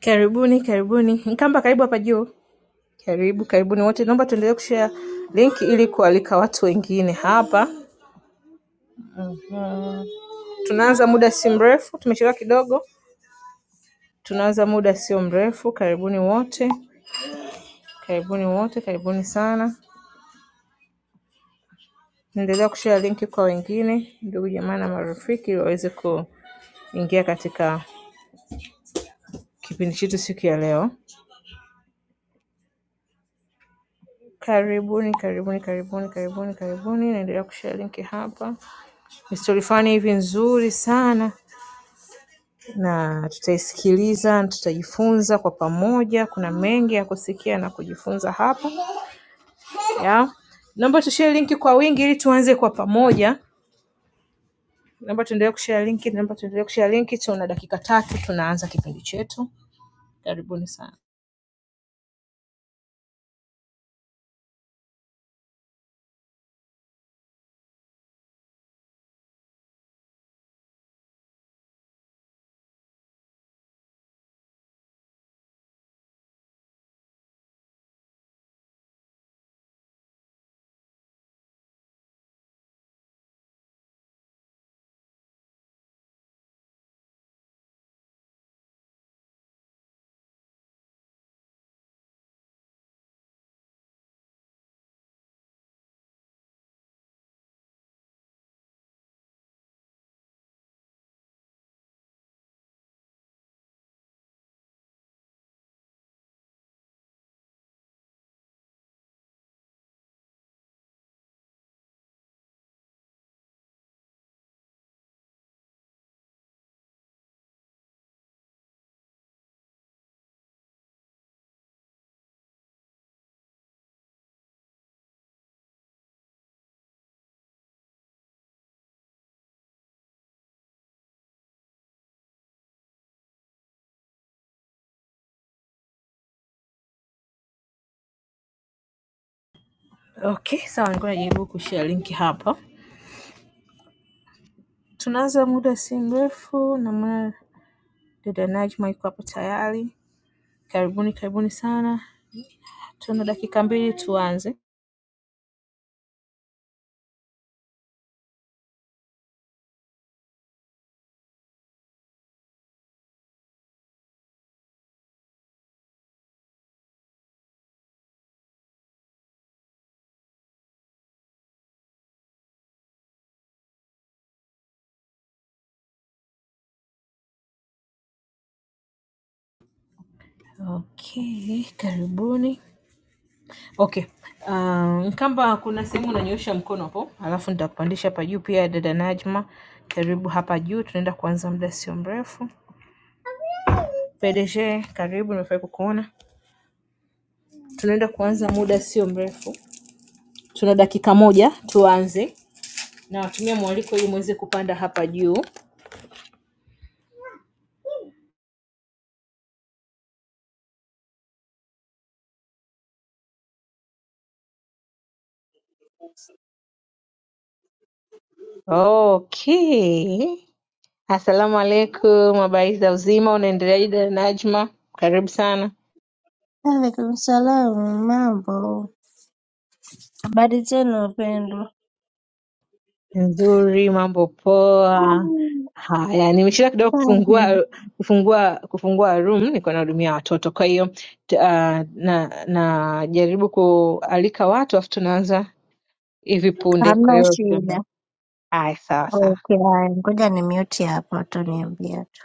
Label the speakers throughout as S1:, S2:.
S1: Karibuni karibuni Nkamba karibu hapa juu. Karibu karibuni wote, naomba tuendelee kushare link ili kualika watu wengine hapa. Tunaanza muda si mrefu, tumechelewa kidogo. Tunaanza muda sio mrefu. Karibuni wote, karibuni wote, karibuni sana. Endelea kushare link kwa wengine, ndugu jamaa na marafiki, ili waweze kuingia katika kipindi chetu siku ya leo. Karibuni, karibuni, karibuni, karibuni, karibuni. Naendelea kushare link hapa, ni stori fani hivi nzuri sana na tutaisikiliza, tutajifunza kwa pamoja. Kuna mengi ya kusikia na kujifunza hapa ya. Naomba tushare linki kwa wingi ili tuanze kwa pamoja. Naomba tuendelee kushare linki, naomba tuendelee kushare linki. Tuna dakika tatu tunaanza kipindi chetu. Karibuni sana. Okay, sawa, nilikuwa najaribu kushare linki hapa. Tunaanza muda si mrefu, namwona dada Najma yuko hapo tayari. Karibuni, karibuni sana. Tuna dakika mbili tuanze. Okay, karibuni. Okay. Um, kamba kuna sehemu unanyoosha mkono hapo, alafu nitakupandisha hapa juu. Pia dada Najma, karibu hapa juu, tunaenda kuanza muda sio mrefu. PDG, karibu, nimefurahi kukuona. Tunaenda kuanza muda sio mrefu, tuna dakika moja tuanze, na watumia mwaliko ili muweze kupanda hapa juu. Okay. Asalamu alaikum, habari za uzima, unaendeleaje dada Najma? Karibu sana.
S2: Waalaikum salaam, mambo? Habari zenu wapendwa?
S1: Nzuri, mambo poa. Haya, nimeshinda kidogo
S2: Mm.
S1: kufungua kufungua kufungua room, niko nahudumia watoto. Kwa hiyo t- ah, na najaribu kualika watu afu tunaanza hivi punde.
S2: Hamna
S1: Kwa hiyo
S2: shida.
S1: tunaanza. haya, sawa sawa.
S2: Okay, haya, ngoja ni mute hapa, utaniambia tu.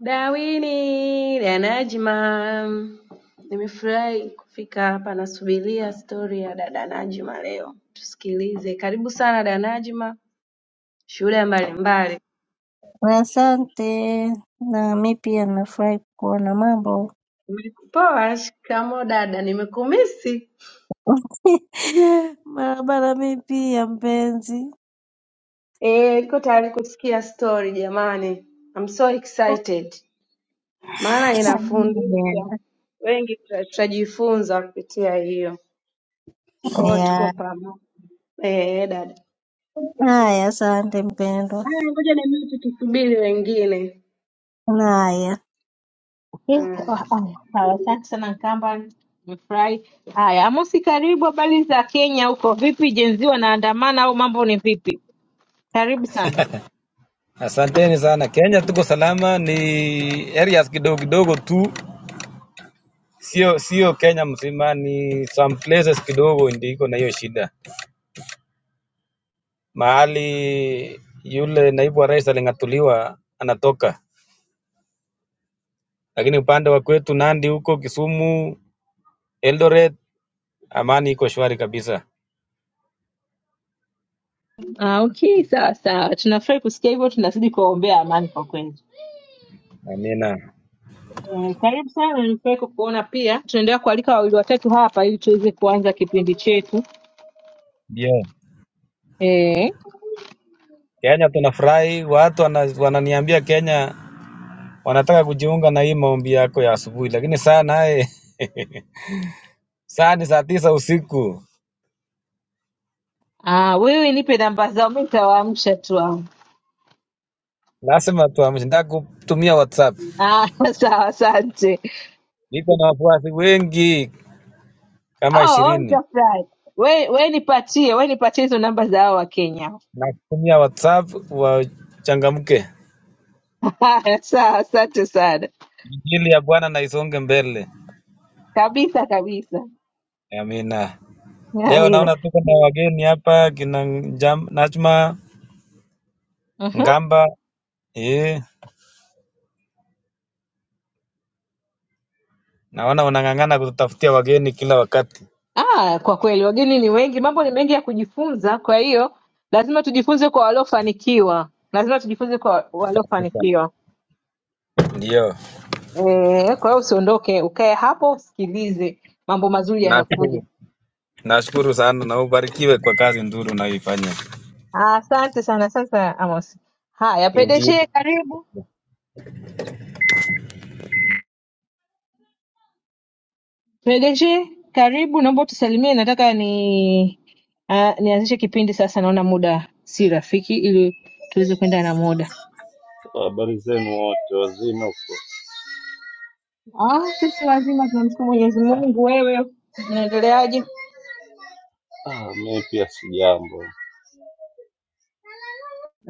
S3: Darwin na Najma, nimefurahi kufika hapa. Nasubiria stori ya dada Najma leo, tusikilize. Karibu sana dada Najma, shuhuda mbalimbali.
S2: Asante, na mi pia nafurahi kuona mambo
S3: Poa, shikamo dada, nimekumisi.
S2: barabara. Mi pia mpenzi.
S3: Eh, niko tayari kusikia stori jamani. I'm so excited. Maana
S2: Yeah.
S3: inafundisha wengi tuta- tutajifunza kupitia hiyo. Kwa hiyo tuko pamoja. Eh, dada.
S2: Haya, asante mpendwa.
S3: Haya, ngoja ni mimi tukisubiri wengine.
S2: Haya,
S1: Eh, oh,
S3: da
S1: haya, Sawa, asante sana Nkamba, nimefurahi. Haya, Amosi, karibu. Habari za Kenya huko vipi? Jenzi wanaandamana au mambo ni vipi? Karibu sana.
S4: Asanteni sana. Kenya tuko salama, ni areas kidogo kidogo tu, sio sio Kenya mzima, ni some places kidogo ndio iko na hiyo shida. Mahali yule naibu wa rais aling'atuliwa anatoka, lakini upande wa kwetu Nandi huko Kisumu, Eldoret, amani iko shwari kabisa.
S1: Ah, okay, sawa sawa, tunafurahi kusikia hivyo, tunazidi kuwaombea amani kwa kweli.
S4: Amina.
S1: Eh, Karibu sana, nimefurahi kukuona pia. Tunaendelea kualika wawili watatu hapa ili tuweze kuanza kipindi chetu.
S4: Ndio
S1: Eh,
S4: Kenya tunafurahi, watu wana, wananiambia Kenya wanataka kujiunga na hii maombi yako ya asubuhi, lakini saa naye saa ni saa tisa usiku.
S1: ah, wewe nipe namba zao, mimi nitawaamsha tu hao.
S4: Nasema tu Hamisi, nataka kutumia WhatsApp.
S1: Ah, sawa, asante.
S4: Niko na wafuasi wengi kama
S1: Oh, oh,
S4: ishirini,
S1: nitafurahi. We, we nipatie, we nipatie hizo namba za hao wa Kenya.
S4: na kutumia WhatsApp wachangamke,
S1: Haya, sawa, asante sana
S4: injili ya Bwana na isonge mbele.
S1: kabisa kabisa.
S4: Amina. Leo
S1: Amina.
S4: naona tuko na wageni hapa kina Njam- Najma
S1: Mhm.
S4: Ngamba. Eh, naona unang'ang'ana kututafutia wageni kila wakati.
S1: Ah, kwa kweli wageni ni wengi, mambo ni mengi ya kujifunza, kwa hiyo lazima tujifunze kwa waliofanikiwa, lazima tujifunze kwa waliofanikiwa.
S4: Ndio,
S1: Eh, kwa hiyo usiondoke, ukae hapo usikilize, mambo mazuri yanakuja.
S4: nashukuru, nashukuru sana na ubarikiwe kwa kazi nzuri unayoifanya.
S1: Asante sana. Sasa Amos, haya Pedeshe, karibu Pedeshe, karibu. Naomba tusalimie, nataka ni uh, nianzishe kipindi sasa, naona muda si rafiki, ili tuweze kwenda na muda.
S5: Habari zenu wote, wazima huko?
S1: Ah, sisi wazima tunamshukuru Mwenyezi Mungu. Wewe unaendeleaje?
S5: Ah, mimi pia sijambo,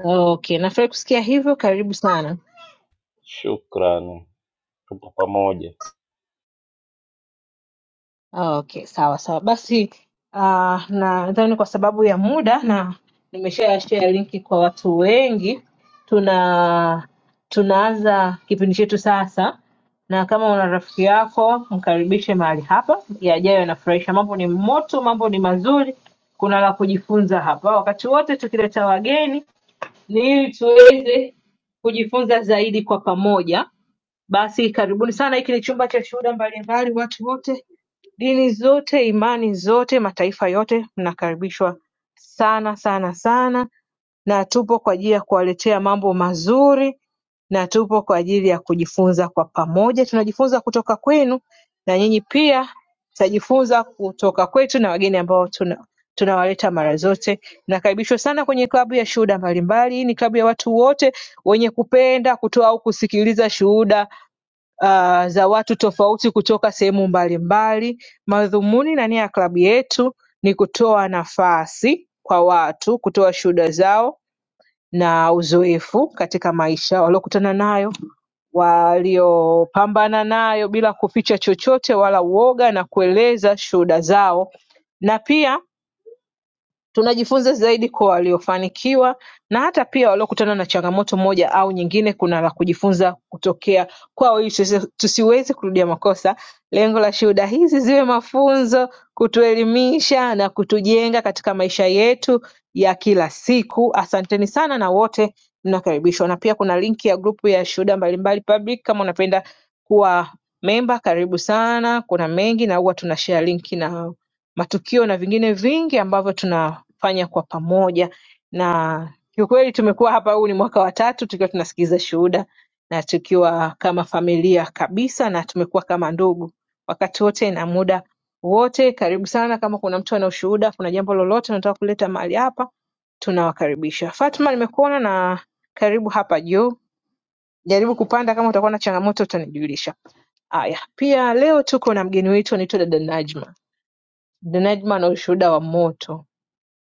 S1: Okay, nafurahi kusikia hivyo. Karibu sana.
S5: shukrani. Tupo pamoja.
S1: Oh, Okay, sawa sawa. Basi uh, nadhani kwa sababu ya muda na nimesha share linki kwa watu wengi, tuna tunaanza kipindi chetu sasa, na kama una rafiki yako mkaribishe mahali hapa. Yajayo yanafurahisha, mambo ni moto, mambo ni mazuri, kuna la kujifunza hapa. Wakati wote tukileta wageni ni ili tuweze kujifunza zaidi kwa pamoja basi karibuni sana, hiki ni chumba cha shuhuda mbalimbali, watu wote, dini zote, imani zote, mataifa yote, mnakaribishwa sana sana sana, na tupo kwa ajili ya kuwaletea mambo mazuri, na tupo kwa ajili ya kujifunza kwa pamoja. Tunajifunza kutoka kwenu, na nyinyi pia mtajifunza kutoka kwetu na wageni ambao tuna tunawaleta mara zote. Nakaribishwa sana kwenye klabu ya shuhuda mbalimbali. Hii ni klabu ya watu wote wenye kupenda kutoa au kusikiliza shuhuda uh, za watu tofauti kutoka sehemu mbalimbali. Madhumuni na nia ya klabu yetu ni kutoa nafasi kwa watu kutoa shuhuda zao na uzoefu katika maisha waliokutana nayo, waliopambana nayo bila kuficha chochote wala uoga, na kueleza shuhuda zao na pia Tunajifunza zaidi kwa waliofanikiwa na hata pia waliokutana na changamoto moja au nyingine kuna la kujifunza kutokea kwao ili tusi- tusiweze kurudia makosa. Lengo la shuhuda hizi ziwe mafunzo, kutuelimisha na kutujenga katika maisha yetu ya kila siku. Asanteni sana na wote mnakaribishwa, na pia kuna linki ya grupu ya shuhuda mbalimbali public kama unapenda kuwa memba, karibu sana. Kuna mengi na huwa tunashare linki na matukio na vingine vingi ambavyo tuna fanya kwa pamoja na kiukweli tumekuwa hapa huu ni mwaka wa tatu tukiwa tunasikiliza shuhuda na tukiwa kama familia kabisa na tumekuwa kama ndugu wakati wote na muda wote karibu sana kama kuna mtu ana ushuhuda kuna jambo lolote unataka kuleta mahali hapa tunawakaribisha fatma nimekuona na karibu hapa juu jaribu kupanda kama utakuwa na changamoto utanijulisha haya pia leo tuko na mgeni wetu anaitwa dada najma dada najma ana ushuhuda wa moto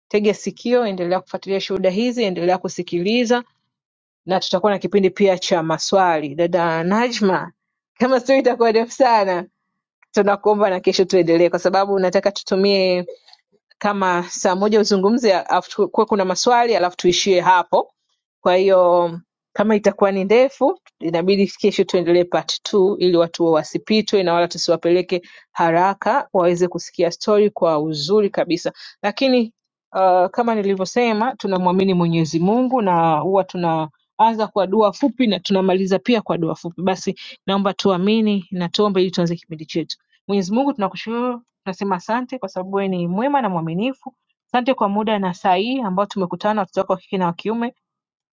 S1: Tega sikio endelea kufuatilia shuhuda hizi endelea kusikiliza na tutakuwa na kipindi pia cha maswali. Dada Najma, kama sio itakuwa ndefu sana, tunakuomba na kesho tuendelee, kwa sababu nataka tutumie kama saa moja uzungumze, alafu kuwe kuna maswali, alafu tuishie hapo. Kwa hiyo kama itakuwa ni ndefu, inabidi kesho tuendelee part two, ili watu wa wasipitwe na wala tusiwapeleke haraka, waweze kusikia story kwa uzuri kabisa. Lakini uh, kama nilivyosema, tunamwamini Mwenyezi Mungu na huwa tuna anza kwa dua fupi na tunamaliza pia kwa dua fupi. Basi naomba tuamini na tuombe ili tuanze kipindi chetu. Mwenyezi Mungu, tunakushukuru, tunasema asante kwa sababu wewe ni mwema na mwaminifu. Asante kwa muda na saa hii ambao tumekutana watoto wako wa kike na wa kiume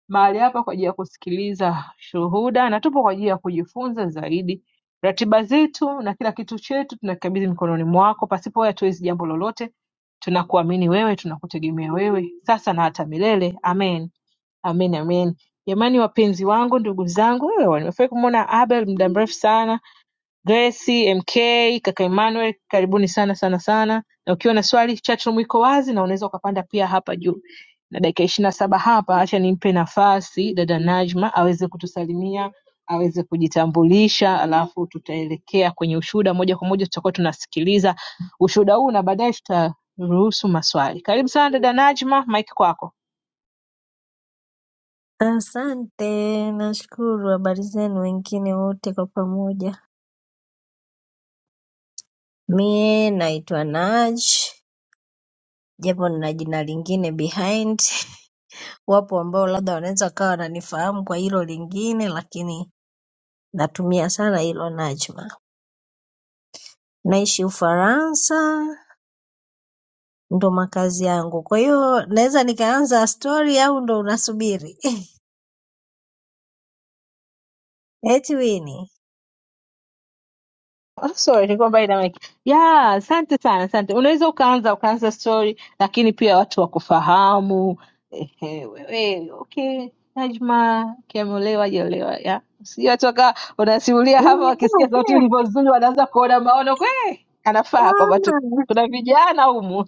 S1: mahali hapa kwa ajili ya kusikiliza shuhuda na tupo kwa ajili ya kujifunza zaidi. Ratiba zetu na kila kitu chetu tunakabidhi mikononi mwako, pasipo wewe hatuwezi jambo lolote. Tunakuamini wewe, tunakutegemea wewe sasa na hata milele. Amen. Amen, amen. Jamani wapenzi wangu, ndugu zangu, wewe nimefurahi kumwona Abel muda mrefu sana, Grace, MK, kaka Emmanuel, karibuni sana sana sana. Na ukiwa na swali chat room iko wazi na unaweza ukapanda pia hapa juu. Na dakika ishirini na saba hapa, acha nimpe nafasi dada Najma aweze kutusalimia, aweze kujitambulisha, alafu tutaelekea kwenye ushuhuda moja kwa moja, tutakuwa tunasikiliza ushuhuda huu na baadaye tutaruhusu maswali. Karibu sana dada Najma, mike kwako.
S2: asante, nashukuru. Habari zenu wengine wote kwa pamoja. Mie naitwa Naj, japo nina jina lingine behind. Wapo ambao labda wanaweza wakawa wananifahamu kwa hilo lingine, lakini natumia sana hilo Najma. Naishi Ufaransa, ndo makazi yangu. Kwa hiyo naweza nikaanza stori au ndo unasubiri? Eti Wini
S1: Oh, sorry nilikuwa mbali na mic. Yeah, asante sana, asante. Unaweza ukaanza ukaanza story lakini pia watu wakufahamu. Ehe, wewe okay, Najma kiamolewa hajaolewa. Yeah. Si watu waka unasimulia hapa wakisikia sauti ilivyo nzuri wanaanza kuona maono kwe anafaa kwamba tu- kuna vijana humu.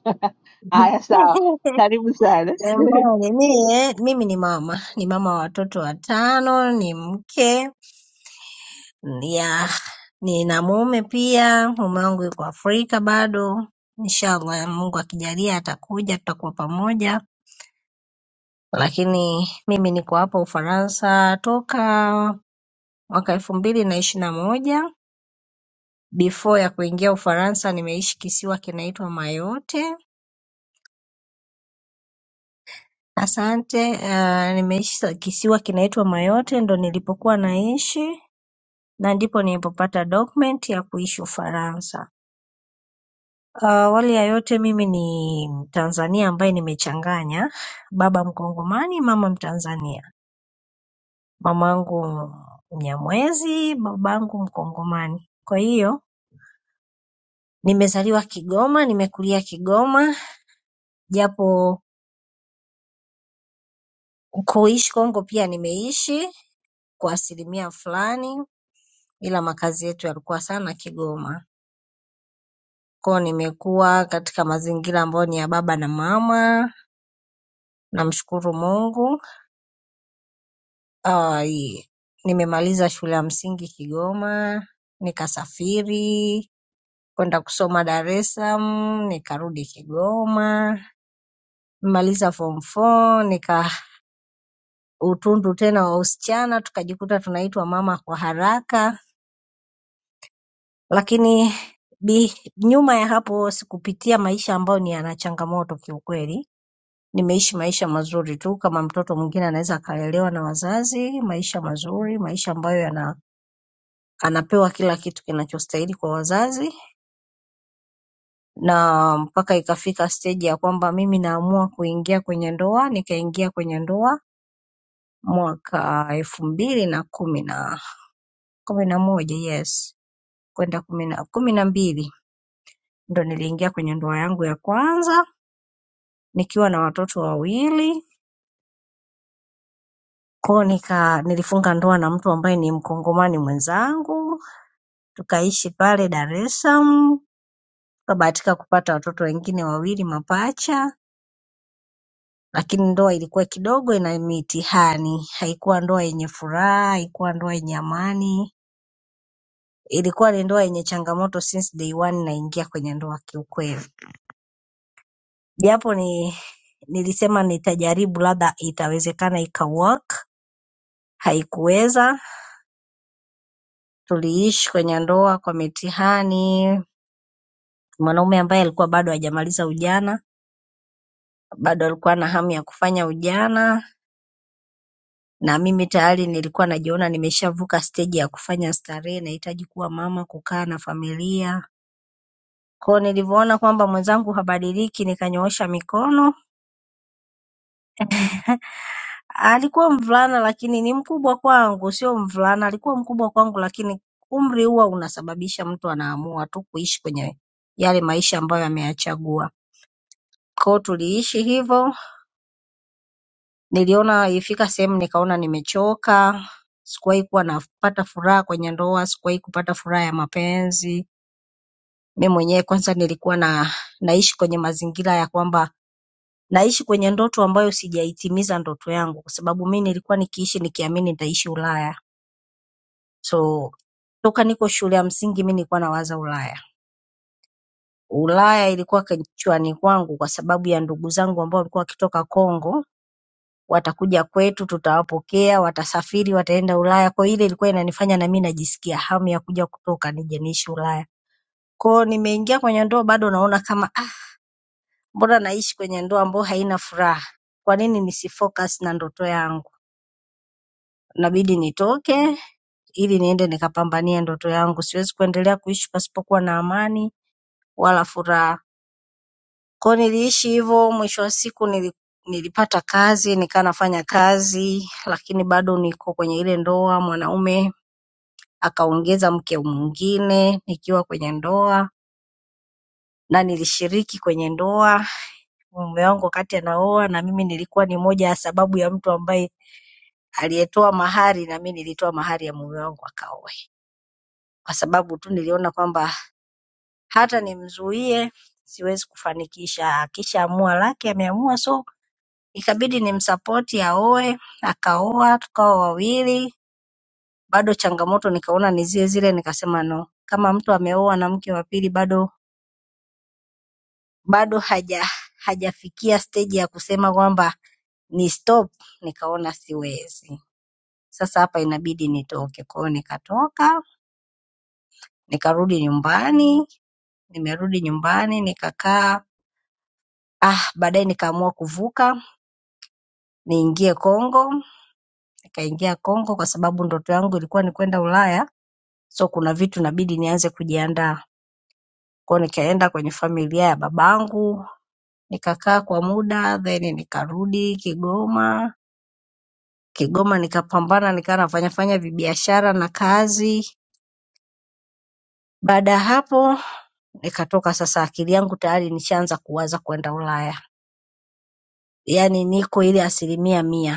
S1: Haya sawa. Karibu sana.
S2: Jamani, mie, mimi ni mama, ni mama wa watoto watano, ni mke Yeah, nina mume pia, mume wangu yuko Afrika bado. Inshallah, Mungu akijalia atakuja, tutakuwa pamoja. Lakini mimi niko hapa Ufaransa toka mwaka elfu mbili na ishirini na moja. Before ya kuingia Ufaransa nimeishi kisiwa kinaitwa Mayotte. Asante. Uh, nimeishi kisiwa kinaitwa Mayotte, ndo nilipokuwa naishi na ndipo nilipopata document ya kuishi Ufaransa. Uh, Awali ya yote mimi ni Mtanzania ambaye nimechanganya, baba Mkongomani, mama Mtanzania. Mamangu Mnyamwezi, babangu Mkongomani. Kwa hiyo nimezaliwa Kigoma, nimekulia Kigoma, japo kuishi Kongo pia nimeishi kwa asilimia fulani, ila makazi yetu yalikuwa sana Kigoma. Kwa hiyo nimekuwa katika mazingira ambayo ni ya baba na mama, namshukuru Mungu. ai nimemaliza shule ya msingi Kigoma, nikasafiri kwenda kusoma Dar es Salaam, nikarudi Kigoma. Nimemaliza form four, nika utundu tena wa usichana, tukajikuta tunaitwa mama kwa haraka, lakini bi, nyuma ya hapo sikupitia maisha ambayo ni yana changamoto kiukweli. Nimeishi maisha mazuri tu, kama mtoto mwingine anaweza akalelewa na wazazi, maisha mazuri, maisha ambayo yana anapewa kila kitu kinachostahili kwa wazazi na mpaka ikafika steji ya kwamba mimi naamua kuingia kwenye ndoa nikaingia kwenye ndoa mwaka elfu mbili na kumi na kumi na moja yes kwenda kumi na kumi na mbili ndo niliingia kwenye ndoa yangu ya kwanza nikiwa na watoto wawili kwao nika nilifunga ndoa na mtu ambaye ni mkongomani mwenzangu tukaishi pale dar es salaam tukabahatika kupata watoto wengine wawili mapacha Lakini ndoa ilikuwa kidogo ina mitihani. Haikuwa ndoa yenye furaha, haikuwa ndoa yenye amani. Ilikuwa ni ndoa yenye changamoto since day one naingia kwenye ndoa kiukweli. Japo ni nilisema nitajaribu labda itawezekana ika work, haikuweza. Tuliishi kwenye ndoa kwa mitihani. Mwanaume ambaye alikuwa bado hajamaliza ujana, bado alikuwa na hamu ya kufanya ujana, na mimi tayari nilikuwa najiona nimeshavuka stage ya kufanya starehe, nahitaji kuwa mama, kukaa na familia. Kwa hiyo nilivyoona kwamba mwenzangu habadiliki, nikanyoosha mikono. Alikuwa mvulana lakini ni mkubwa kwangu, sio mvulana, alikuwa mkubwa kwangu, lakini umri huwa unasababisha mtu anaamua tu kuishi kwenye yale maisha ambayo ameyachagua. Kwa hiyo tuliishi hivyo, niliona ifika sehemu nikaona nimechoka, sikuwahi kuwa napata furaha kwenye ndoa, sikuwahi kupata furaha ya mapenzi Mi mwenyewe kwanza nilikuwa na naishi kwenye mazingira ya kwamba naishi kwenye ndoto ambayo sijaitimiza ndoto yangu, kwa sababu mi nilikuwa nikiishi nikiamini nitaishi Ulaya. So toka niko shule ya msingi mi nilikuwa nawaza Ulaya. Ulaya ilikuwa kichwani kwangu kwa sababu ya ndugu zangu ambao walikuwa wakitoka Kongo, watakuja kwetu, tutawapokea, watasafiri, wataenda Ulaya. Kwa hiyo ile ilikuwa inanifanya na mi najisikia hamu ya kuja kutoka nije niishi Ulaya. Kwa hiyo nimeingia kwenye ndoa bado naona kama ah, Mbona naishi kwenye ndoa ambayo haina furaha? Kwa nini nisifocus na ndoto yangu? Inabidi nitoke ili niende nikapambanie ndoto yangu. Siwezi kuendelea kuishi pasipokuwa na amani wala furaha. Kwa hiyo niliishi hivyo, mwisho wa siku nili, nilipata kazi, nikaa nafanya kazi, lakini bado niko kwenye ile ndoa. Mwanaume akaongeza mke mwingine nikiwa kwenye ndoa na nilishiriki kwenye ndoa. Mume wangu wakati anaoa na mimi nilikuwa ni moja ya sababu ya mtu ambaye aliyetoa mahari na mimi nilitoa mahari ya mume wangu akaoe, kwa sababu tu niliona kwamba hata nimzuie siwezi kufanikisha. Akishaamua lake, ameamua, so ikabidi nimsapoti aoe, akaoa, tukawa wawili. Bado changamoto nikaona ni zile zile, nikasema no, kama mtu ameoa na mke wa pili bado bado haja hajafikia stage ya kusema kwamba ni stop, nikaona siwezi. Sasa hapa inabidi nitoke, kwa hiyo nikatoka nikarudi nyumbani Nimerudi nyumbani nikakaa. Ah, baadaye nikaamua kuvuka niingie Kongo. Nikaingia Kongo kwa sababu ndoto yangu ilikuwa ni kwenda Ulaya. So kuna vitu inabidi nianze kujiandaa. Kwa hiyo nikaenda kwenye familia ya babangu, nikakaa kwa muda then nikarudi Kigoma. Kigoma nikapambana nikawa nafanya fanya vibiashara na kazi. Baada ya hapo nikatoka sasa akili yangu tayari nishaanza kuwaza kwenda Ulaya. Yaani niko ile asilimia mia.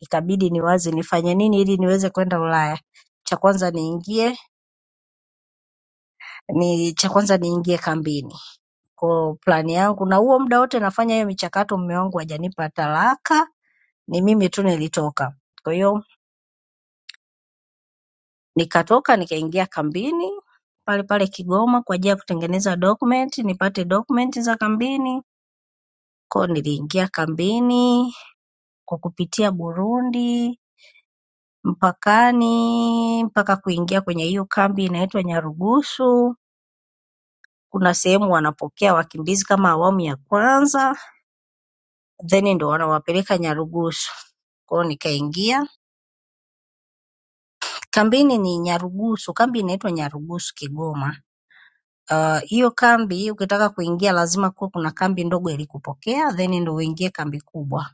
S2: ikabidi niwaze nifanye nini ili niweze kwenda Ulaya. Cha kwanza niingie ni cha kwanza niingie kambini. Kwa plani yangu na huo muda wote nafanya hiyo michakato, mume wangu hajanipa talaka, ni mimi tu nilitoka. Kwa hiyo nikatoka nikaingia kambini pale pale Kigoma kwa ajili ya kutengeneza document, nipate document za kambini. Kwa hiyo niliingia kambini kwa kupitia Burundi mpakani mpaka kuingia kwenye hiyo kambi inaitwa Nyarugusu kuna sehemu wanapokea wakimbizi kama awamu ya kwanza then ndio wanawapeleka Nyarugusu. Kwa hiyo nikaingia kambini, ni Nyarugusu, kambi inaitwa Nyarugusu Kigoma. Ah, Hiyo kambi ukitaka kuingia lazima kuwe kuna kambi ndogo ilikupokea then ndio uingie kambi kubwa.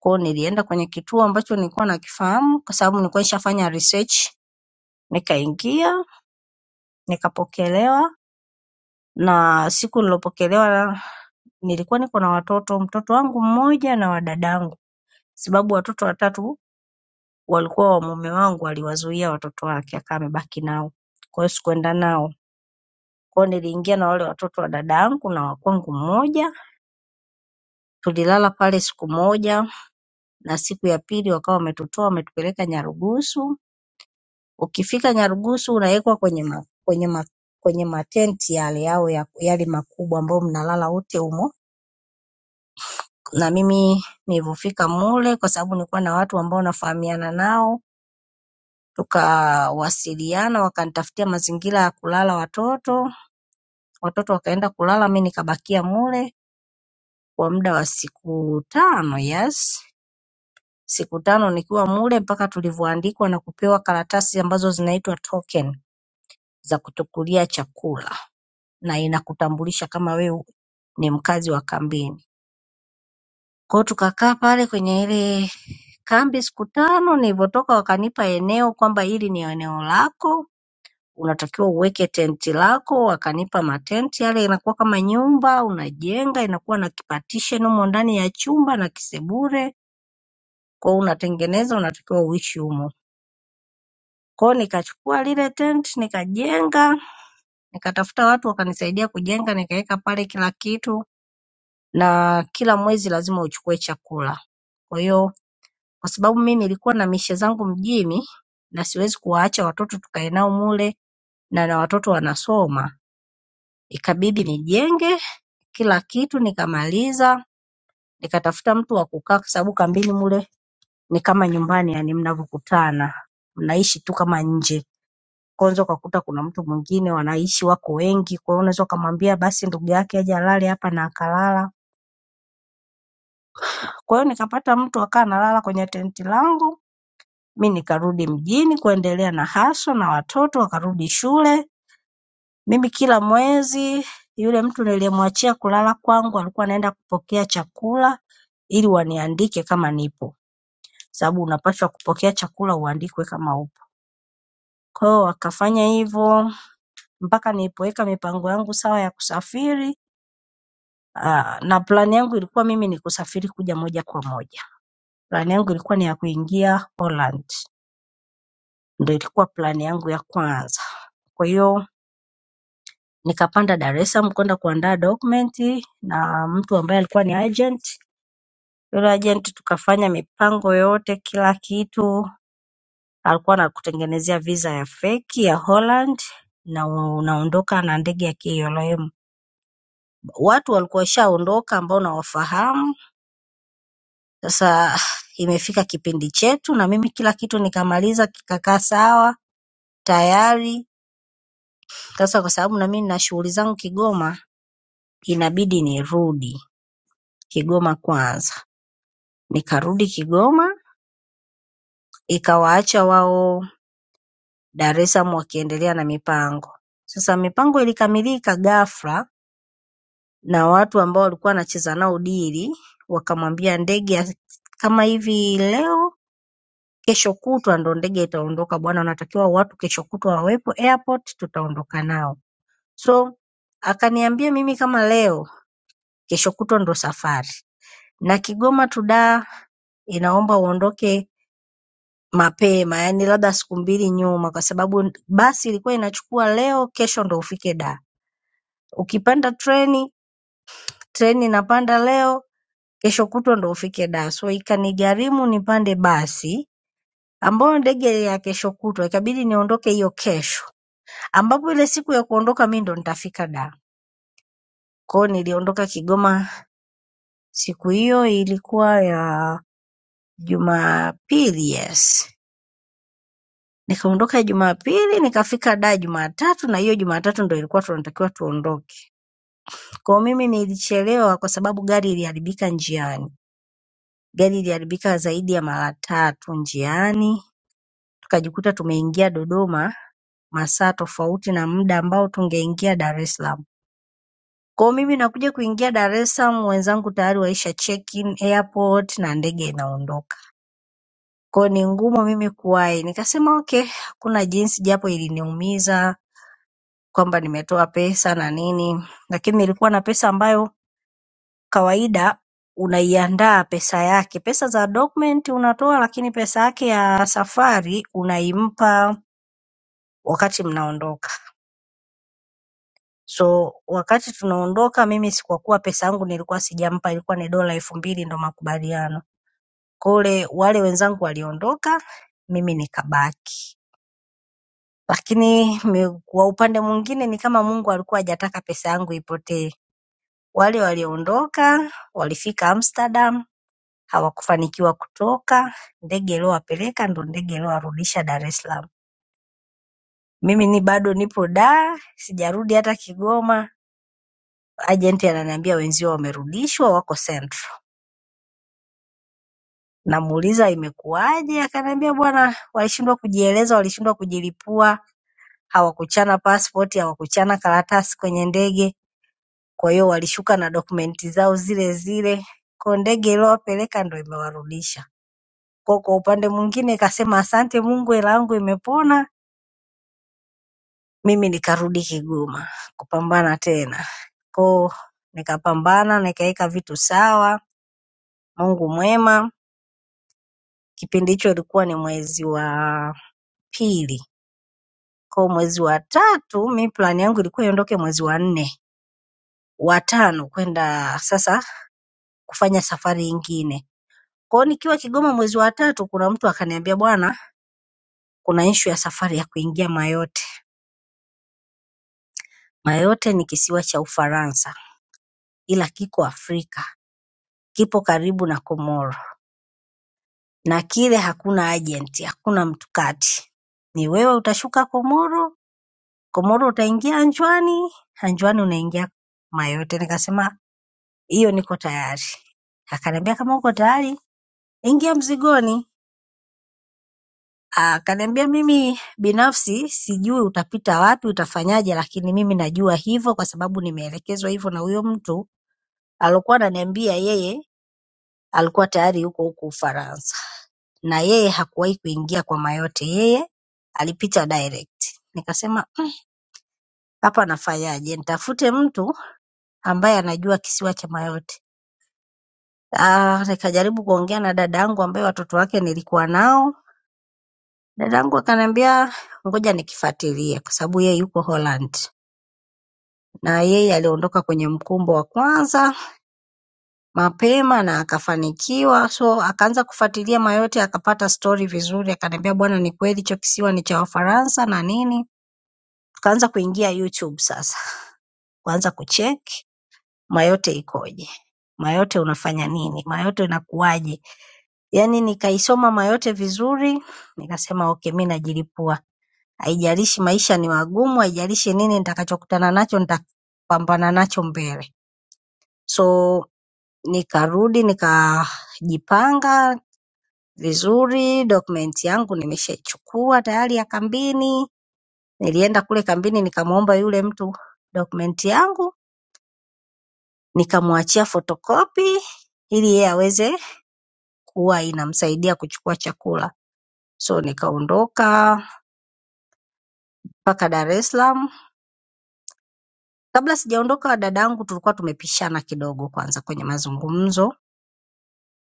S2: Kwa hiyo nilienda kwenye kituo ambacho nilikuwa nakifahamu kwa sababu nilikuwa nishafanya research, nikaingia nikapokelewa na siku nilopokelewa nilikuwa niko na watoto, mtoto wangu mmoja na wa dadangu sababu watoto watatu walikuwa wa mume wangu aliwazuia watoto wake akawa amebaki nao. Kwa hiyo sikuenda nao. Kwa hiyo niliingia na wale watoto wa dada yangu na wa kwangu mmoja. Tulilala pale siku moja na siku ya pili wakawa wametutoa wametupeleka Nyarugusu. Ukifika Nyarugusu unawekwa kwenye ma, kwenye ma, kwenye matenti yale yao ya, yale makubwa ambayo mnalala wote humo. Na mimi nilivyofika mule kwa sababu nilikuwa na watu ambao nafahamiana nao Tukawasiliana wakanitafutia mazingira ya kulala watoto, watoto wakaenda kulala, mi nikabakia mule kwa muda wa siku tano, yes, siku tano nikiwa mule mpaka tulivyoandikwa na kupewa karatasi ambazo zinaitwa token za kutukulia chakula na inakutambulisha kama wewe ni mkazi wa kambini. Kwa hiyo tukakaa pale kwenye ile kambi siku tano, nilivyotoka wakanipa eneo kwamba hili ni eneo lako unatakiwa uweke tenti lako, wakanipa matenti yale, inakuwa kama nyumba unajenga, inakuwa na kipartition humo ndani ya chumba na kisebure, kwa hiyo unatengeneza, unatakiwa uishi humo. Kwa hiyo nikachukua lile tent nikajenga, nikatafuta watu wakanisaidia kujenga, nikaweka pale kila kitu, na kila mwezi lazima uchukue chakula. Kwa hiyo kwa sababu mimi nilikuwa na mishe zangu mjini na siwezi kuwaacha watoto tukae nao mule na na watoto wanasoma, ikabidi nijenge kila kitu nikamaliza, nikatafuta mtu wa kukaa kwa sababu kambini mule ni kama nyumbani yani mnavyokutana. Mnaishi tu kama nje. Kwa unaweza ukakuta kuna mtu mwingine wanaishi wako wengi, kwa hiyo unaweza ukamwambia basi ndugu yake aje alale hapa na akalala. Kwa hiyo nikapata mtu akawa analala kwenye tenti langu, mi nikarudi mjini kuendelea na hustle na watoto wakarudi shule. Mimi kila mwezi yule mtu niliyemwachia kulala kwangu alikuwa anaenda kupokea chakula ili waniandike kama nipo. sababu unapaswa kupokea chakula uandikwe kama upo. Kwa hiyo wakafanya hivyo mpaka nilipoweka mipango yangu sawa ya kusafiri. Aa, na plan yangu ilikuwa mimi ni kusafiri kuja moja kwa moja. Plan yangu ilikuwa ni ya kuingia Holland, ndio ilikuwa plan yangu ya kwanza. Kwa hiyo nikapanda Dar es Salaam kwenda kuandaa document na mtu ambaye alikuwa ni agent. Yule agent tukafanya mipango yote, kila kitu alikuwa anakutengenezea visa ya feki ya Holland na unaondoka na ndege ya KLM. Watu walikuwa washaondoka ambao nawafahamu. Sasa imefika kipindi chetu, na mimi kila kitu nikamaliza kikakaa sawa tayari. Sasa kwa sababu na mimi nina shughuli zangu Kigoma, inabidi nirudi Kigoma kwanza. Nikarudi Kigoma, ikawaacha wao Dar es Salaam wakiendelea na mipango. Sasa mipango ilikamilika ghafla na watu ambao walikuwa anacheza nao dili wakamwambia ndege ya- kama hivi leo kesho kutwa ndo ndege itaondoka bwana wanatakiwa watu kesho kutwa wawepo airport tutaondoka nao so akaniambia mimi kama leo kesho kutwa ndo safari na Kigoma to Dar inaomba uondoke mapema yani labda siku mbili nyuma kwa sababu basi ilikuwa inachukua leo kesho ndo ufike Dar ukipanda treni treni inapanda leo kesho kutwa ndo ufike Dar. So ikanigharimu nipande basi ambayo ndege ya kesho kutwa, ikabidi niondoke hiyo kesho, ambapo ile siku ya kuondoka mi ndo nitafika Dar. Kwao niliondoka Kigoma siku hiyo, ilikuwa ya Jumapili, yes. Nikaondoka Jumapili nikafika Dar Jumatatu, na hiyo Jumatatu ndo ilikuwa tunatakiwa tuondoke. Kwao mimi nilichelewa kwa sababu gari iliharibika njiani, gari iliharibika zaidi ya mara tatu njiani, tukajikuta tumeingia Dodoma masaa tofauti na muda ambao tungeingia Dar es Salaam. Kwa hiyo mimi nakuja kuingia Dar es Salaam, wenzangu tayari waisha check in airport na ndege inaondoka. Kwa hiyo ni ngumu mimi kuwahi. Nikasema okay, hakuna jinsi, japo iliniumiza kwamba nimetoa pesa na nini, lakini nilikuwa na pesa ambayo kawaida unaiandaa pesa yake. Pesa za document unatoa, lakini pesa yake ya safari unaimpa wakati mnaondoka. So wakati tunaondoka mimi si kwa kuwa pesa yangu nilikuwa sijampa ilikuwa ni dola elfu mbili ndo makubaliano. Kwa ule wale wenzangu waliondoka mimi nikabaki. Lakini mi- kwa upande mwingine ni kama Mungu alikuwa hajataka pesa yangu ipotee. Wale waliondoka walifika Amsterdam hawakufanikiwa kutoka, ndege iliyowapeleka ndo ndege iliyowarudisha Dar es Salaam. Mimi ni bado nipo Dar, sijarudi hata Kigoma. Ajenti ananiambia wenzio wamerudishwa wako Central. Namuuliza imekuwaje akaniambia bwana walishindwa kujieleza walishindwa kujilipua hawakuchana passport hawakuchana karatasi kwenye ndege kwa hiyo walishuka na dokumenti zao zile zile kwa ndege iliyowapeleka ndo imewarudisha kwa kwa upande mwingine ikasema asante Mungu hela yangu imepona mimi nikarudi Kigoma kupambana tena ko nikapambana nikaweka vitu sawa Mungu mwema kipindi hicho ilikuwa ni mwezi wa pili kwa mwezi wa tatu, mi plani yangu ilikuwa iondoke mwezi wa nne, wa tano kwenda sasa kufanya safari ingine. Kwa hiyo nikiwa Kigoma mwezi wa tatu, kuna mtu akaniambia, bwana, kuna issue ya safari ya kuingia Mayotte. Mayotte ni kisiwa cha Ufaransa ila kiko Afrika, kipo karibu na Komoro na kile hakuna agent, hakuna mtu kati, ni wewe utashuka Komoro, Komoro utaingia Anjwani, Anjwani unaingia Mayotte. Nikasema hiyo niko tayari. Akaniambia kama uko tayari ingia mzigoni. Akaniambia mimi binafsi sijui utapita wapi, utafanyaje, lakini mimi najua hivyo kwa sababu nimeelekezwa hivyo na huyo mtu alikuwa ananiambia yeye alikuwa tayari yuko huko Ufaransa na yeye hakuwahi kuingia kwa Mayotte, yeye alipita direct. Nikasema hapa nafanyaje? Nitafute mtu ambaye anajua kisiwa cha Mayotte. Ah, nikajaribu kuongea na dada yangu ambaye watoto wake nilikuwa nao Dadangu akaniambia ngoja nikifuatilie kwa sababu yeye yuko Holland na yeye aliondoka kwenye mkumbo wa kwanza mapema na akafanikiwa, so akaanza kufuatilia mayote, akapata stori vizuri, akaniambia bwana, ni kweli hicho kisiwa ni cha Wafaransa na nini. Tukaanza kuingia YouTube sasa, kuanza kucheck mayote ikoje, mayote unafanya nini, mayote inakuwaje. Yani nikaisoma mayote vizuri, nikasema okay, mi najilipua. Haijalishi maisha ni magumu, haijalishi nini nitakachokutana nacho nitapambana nacho mbele. So nikarudi nikajipanga vizuri, document yangu nimeshaichukua tayari ya kambini. Nilienda kule kambini nikamwomba yule mtu document yangu, nikamwachia photocopy ili yeye aweze kuwa inamsaidia kuchukua chakula. So nikaondoka mpaka Dar es Salaam Kabla sijaondoka dadangu tulikuwa tumepishana kidogo kwanza kwenye mazungumzo.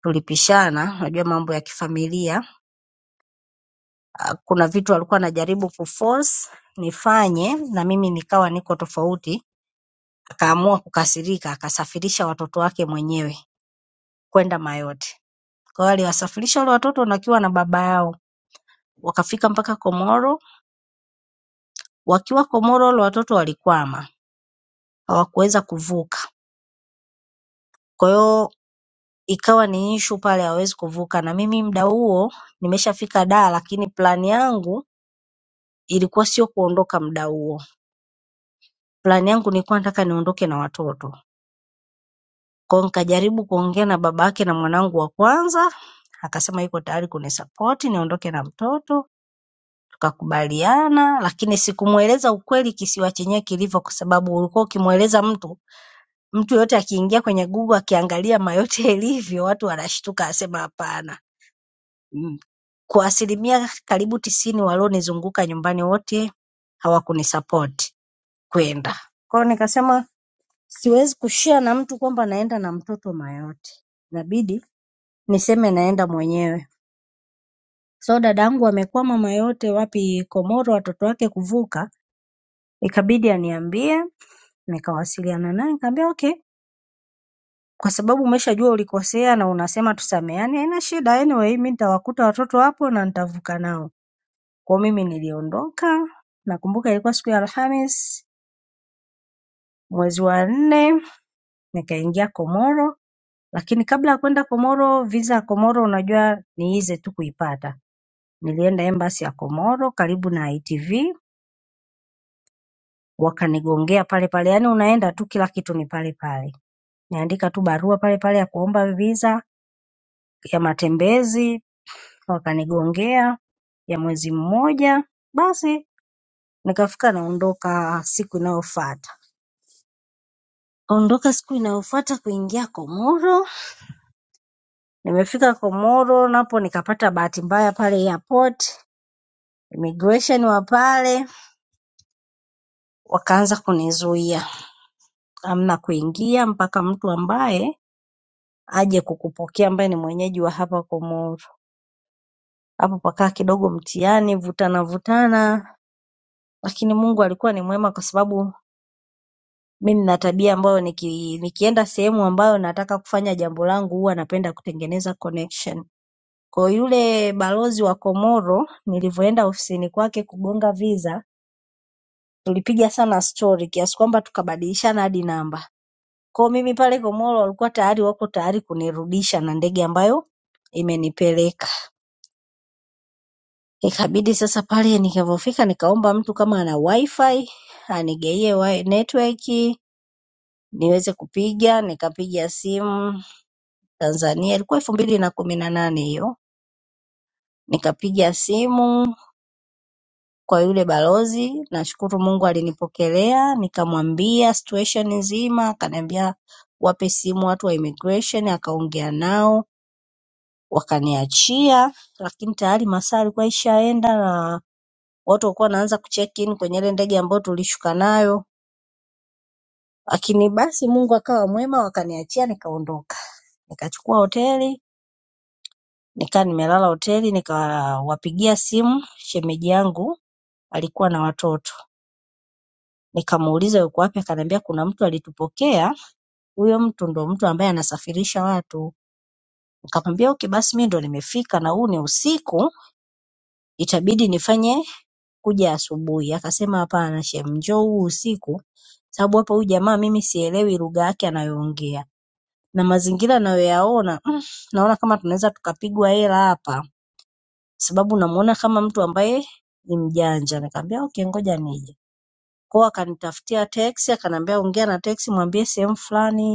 S2: Tulipishana, unajua mambo ya kifamilia. Ah, Kuna vitu alikuwa anajaribu kuforce nifanye na mimi nikawa niko tofauti. Akaamua kukasirika, akasafirisha watoto wake mwenyewe kwenda Mayotte. Kwa hiyo aliwasafirisha wale watoto na akiwa na baba yao. Wakafika mpaka Komoro. Wakiwa Komoro wale watoto walikwama, hawakuweza kuvuka. Kwa hiyo ikawa ni issue pale hawezi kuvuka na mimi muda huo nimeshafika Dar lakini plan yangu ilikuwa sio kuondoka muda huo. Plan yangu nilikuwa nataka niondoke na watoto. Kwa hiyo nikajaribu kuongea na babake na mwanangu wa kwanza akasema yuko tayari kunisupport niondoke na mtoto tukakubaliana lakini sikumueleza ukweli kisiwa chenyewe kilivyo kwa sababu ulikuwa ukimueleza mtu mtu yoyote akiingia kwenye Google akiangalia mayote yalivyo watu wanashtuka asema hapana. Mm. Kwa asilimia karibu tisini walionizunguka nyumbani wote hawakunisapoti kwenda. Kwa hiyo nikasema siwezi kushare na mtu kwamba naenda na mtoto Mayotte. Inabidi niseme naenda mwenyewe. So dadangu amekwama Mayotte wapi Komoro watoto wake kuvuka, ikabidi aniambie, nikawasiliana naye nikamwambia okay, kwa sababu umeshajua ulikosea na unasema tusameheane, haina shida anyway, mimi nitawakuta watoto hapo na nitavuka nao. Kwa hiyo mimi niliondoka, nakumbuka ilikuwa siku ya Alhamis mwezi wa nne, nikaingia Komoro, lakini kabla ya kwenda Komoro, visa ya Komoro unajua ni easy tu kuipata. Nilienda embassy ya Komoro karibu na ITV, wakanigongea pale pale, yaani unaenda tu kila kitu ni pale pale. Niandika tu barua pale pale ya kuomba visa ya matembezi, wakanigongea ya mwezi mmoja, basi nikafika naondoka siku inayofuata. Ondoka siku inayofuata kuingia Komoro. Nimefika Komoro napo nikapata bahati mbaya pale airport. Immigration wa pale wakaanza kunizuia, hamna kuingia mpaka mtu ambaye aje kukupokea ambaye ni mwenyeji wa hapa Komoro. Hapo pakaa kidogo mtihani, vutana vutana, lakini Mungu alikuwa ni mwema kwa sababu mi nina tabia ambayo niki, nikienda sehemu ambayo nataka kufanya jambo langu huwa napenda kutengeneza connection. Kwa yule balozi wa Komoro nilivyoenda ofisini kwake kugonga visa tulipiga sana stori kiasi kwamba tukabadilishana hadi namba. Kwa hiyo mimi pale Komoro walikuwa tayari wako tayari kunirudisha na ndege ambayo imenipeleka. Ikabidi sasa pale nikavyofika nikaomba mtu kama ana wifi anigeie wi- network niweze kupiga, nikapiga simu Tanzania, ilikuwa elfu mbili na kumi na nane hiyo, nikapiga simu kwa yule balozi. Nashukuru Mungu alinipokelea, nikamwambia situation nzima, akaniambia wape simu watu wa immigration, akaongea nao wakaniachia, lakini tayari masaa alikuwa ishaenda na watu walikuwa wanaanza kucheck in kwenye ile ndege ambayo tulishuka nayo. Lakini basi Mungu akawa mwema, wakaniachia nikaondoka, nikachukua hoteli nikaa nimelala hoteli, nikawapigia simu shemeji yangu alikuwa na watoto Nikamuuliza yuko wapi akaniambia kuna mtu alitupokea huyo mtu ndo mtu ambaye anasafirisha watu. Nikamwambia okay basi mimi ndo nimefika na huu ni usiku itabidi nifanye kuja asubuhi. Akasema hapana shem njoo huu usiku sababu hapa huyu jamaa mimi sielewi lugha yake anayoongea na mazingira ninayoyaona mm, naona kama tunaweza tukapigwa hela hapa sababu namuona kama mtu ambaye ni mjanja. Nikamwambia okay ngoja nije. Kwa hiyo akanitafutia teksi akaniambia ongea na teksi mwambie sehemu fulani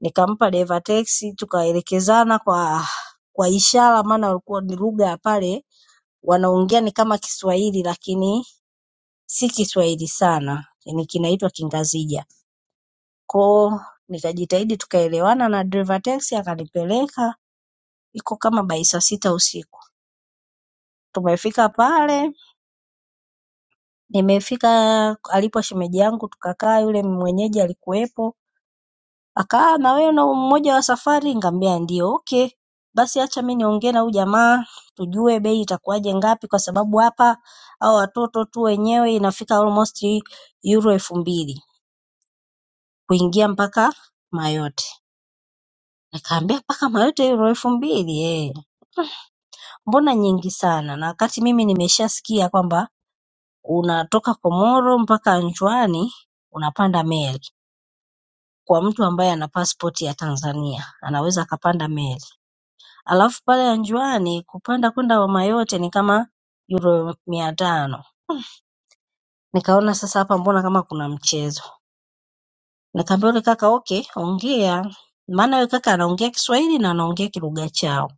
S2: Nikampa dereva teksi tukaelekezana kwa kwa ishara maana walikuwa ni lugha ya pale wanaongea ni kama Kiswahili lakini si Kiswahili sana, ni kinaitwa Kingazija. Koo nikajitahidi tukaelewana na dereva teksi akanipeleka iko kama by saa sita usiku. Tumefika pale, nimefika alipo shemeji yangu tukakaa, yule mwenyeji alikuwepo Akaa na wewe na mmoja wa safari? Nikamwambia ndio. Okay, basi acha mi niongee na huyu jamaa tujue bei itakuwaje ngapi, kwa sababu hapa hao watoto tu wenyewe inafika almost euro elfu mbili kuingia mpaka Mayotte. Nikaambia mpaka Mayotte euro elfu mbili eh, mbona nyingi sana, na wakati mimi nimeshasikia kwamba unatoka Komoro mpaka Nchwani unapanda meli. Kwa mtu ambaye ana passport ya Tanzania anaweza akapanda meli Alafu pale Anjuani kupanda kwenda Homa yote ni kama euro mia tano. Nikaona sasa hapa mbona kama kuna mchezo. Nikamwambia yule kaka okay, ongea. Maana yule kaka anaongea Kiswahili na anaongea kilugha chao.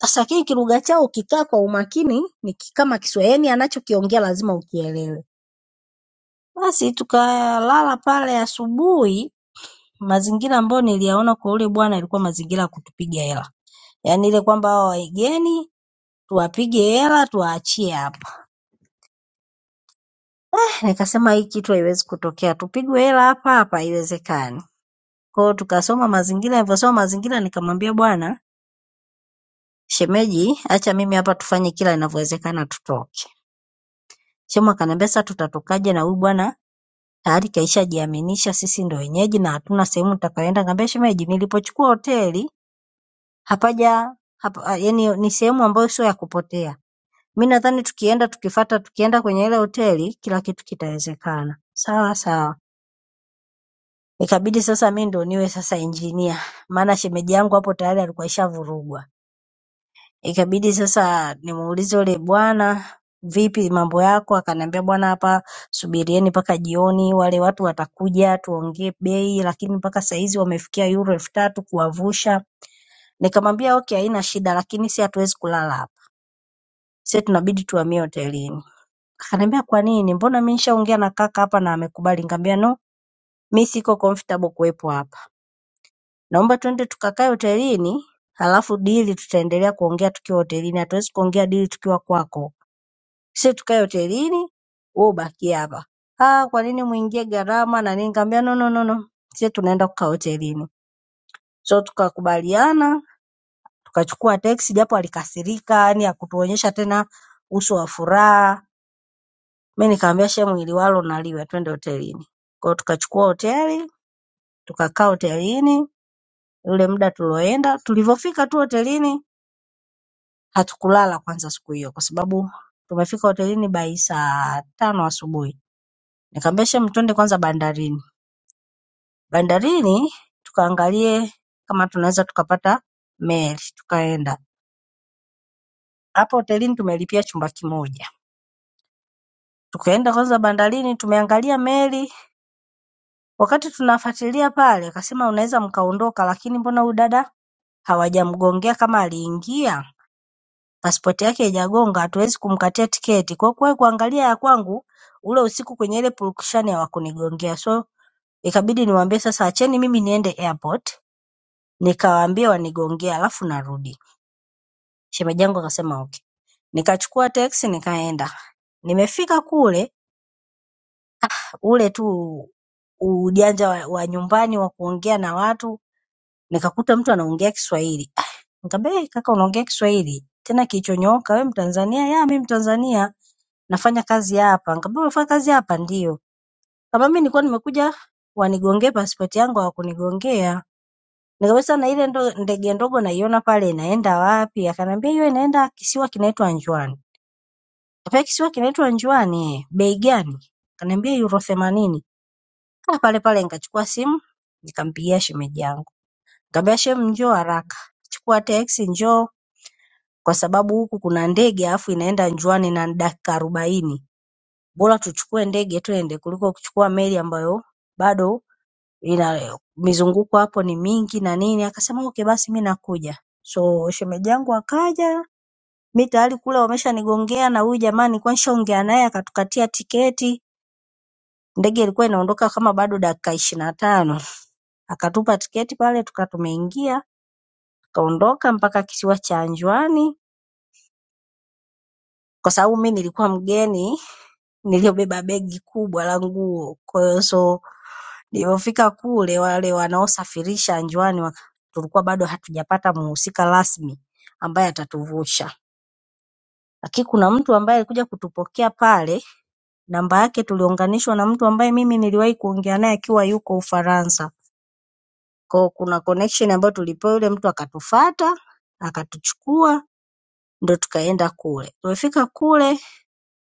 S2: Sasa lakini kilugha chao ukikaa kwa umakini ni ki- kama Kiswahili, yani anachokiongea lazima ukielewe. Basi tukalala pale asubuhi, mazingira ambayo niliyaona kwa yule bwana ilikuwa mazingira ya kutupiga hela, yaani ile kwamba hawa wageni tuwapige hela tuwaachie hapa. Nikasema hii kitu haiwezi kutokea, tupigwe hela hapa hapa, haiwezekani. Kwa hiyo tukasoma mazingira, nilivyosoma mazingira nikamwambia bwana shemeji, acha mimi hapa tufanye kila inavyowezekana tutoke. Shemu akaniambia sasa tutatokaje na huyu bwana tayari kaishajiaminisha sisi ndo wenyeji na hatuna sehemu tutakayoenda. Nikamwambia shemeji, nilipochukua hoteli hapaja hapa, ah, yani ni sehemu ambayo sio ya kupotea. Mi nadhani tukienda tukifata, tukienda kwenye ile hoteli kila kitu kitawezekana. Sawa sawa. Ikabidi sasa mi ndo niwe sasa engineer maana shemeji yangu hapo tayari alikuwa ishavurugwa. Ikabidi sasa nimuulize yule bwana, vipi mambo yako? Akaniambia bwana, hapa subirieni mpaka jioni, wale watu watakuja tuongee bei, lakini mpaka saizi wamefikia euro elfu tatu kuwavusha. Nikamwambia okay, haina shida, lakini si hatuwezi kulala hapa, si tunabidi tuhamie hotelini. Akaniambia kwa nini? Mbona mi nishaongea na kaka hapa na amekubali. Nikamwambia no, mi siko comfortable kuwepo hapa. naomba twende tukakae hotelini halafu dili tutaendelea kuongea tukiwa hotelini. Hatuwezi kuongea dili tukiwa kwako. Sisi tukae hotelini, wewe ubakie hapa. Ah, kwa nini muingie gharama na nini? Nikamwambia no no no no. Sisi tunaenda kukaa hotelini. So tukakubaliana, tukachukua teksi japo alikasirika, yani hakutuonyesha tena uso wa furaha. Mimi nikamwambia she mwili walo naliwe, twende hotelini. Kwa hiyo tukachukua hoteli, tukakaa hotelini ule muda tulioenda. Tulivyofika tu hotelini Hatukulala kwanza siku hiyo kwa sababu tumefika hotelini by saa tano asubuhi. Nikamwambia Shem, twende kwanza bandarini. Bandarini tukaangalie kama tunaweza tukapata meli, tukaenda. Hapo hotelini tumelipia chumba kimoja. Tukaenda kwanza bandarini, tumeangalia meli. Wakati tunafuatilia pale, akasema mnaweza mkaondoka, lakini mbona huyu dada hawajamgongea kama aliingia? pasipoti yake haijagonga hatuwezi kumkatia tiketi kwa kuwahi kuangalia ya kwangu ule usiku kwenye ile purukushani hawakunigongea so ikabidi niwaambie sasa acheni mimi niende airport nikawaambie wanigongee alafu narudi shemeji yangu akasema okay nikachukua teksi nikaenda nimefika kule ule tu ujanja wa, wa nyumbani wa kuongea na watu nikakuta mtu anaongea Kiswahili Ah, nikamwambia "Eh, kaka unaongea Kiswahili tena kilichonyooka wewe Mtanzania ya mimi Mtanzania nafanya kazi hapa. Nikamwambia unafanya kazi hapa? Ndio. Kama mimi nilikuwa nimekuja wanigongee pasipoti yangu hawakunigongea. Nikamwambia sasa na ile ndo, ndege ndogo naiona pale inaenda wapi? Akaniambia hiyo inaenda kisiwa kinaitwa Anjuani. Nikamwambia kisiwa kinaitwa Anjuani, eh, bei gani? Akaniambia euro themanini. Ah, pale pale nikachukua simu nikampigia shemeji yangu. Nikamwambia shem, njoo haraka. Chukua teksi njoo kwa sababu huku kuna ndege alafu inaenda Anjuani na ni dakika arobaini. bora tuchukue ndege twende kuliko kuchukua meli ambayo bado ina mizunguko hapo ni mingi na nini. Akasema okay, basi mi nakuja. So shemeji yangu akaja, mi tayari kule wameshanigongea na huyu jamaa nilikuwa nishaongea naye akatukatia tiketi. Ndege ilikuwa inaondoka kama bado dakika ishirini na tano, akatupa tiketi pale, tukawa tumeingia tukaondoka mpaka kisiwa cha Anjwani, kwa sababu mi nilikuwa mgeni niliyobeba begi kubwa la nguo kwa hiyo so Nilivyofika kule wale wanaosafirisha njiani tulikuwa bado hatujapata mhusika rasmi ambaye atatuvusha. Lakini kuna mtu ambaye alikuja kutupokea pale, namba yake tuliunganishwa na mtu ambaye mimi niliwahi kuongea naye akiwa yuko Ufaransa. Kwa hiyo kuna connection ambayo tulipewa yule mtu akatufuata, akatuchukua ndio tukaenda kule. Tulipofika kule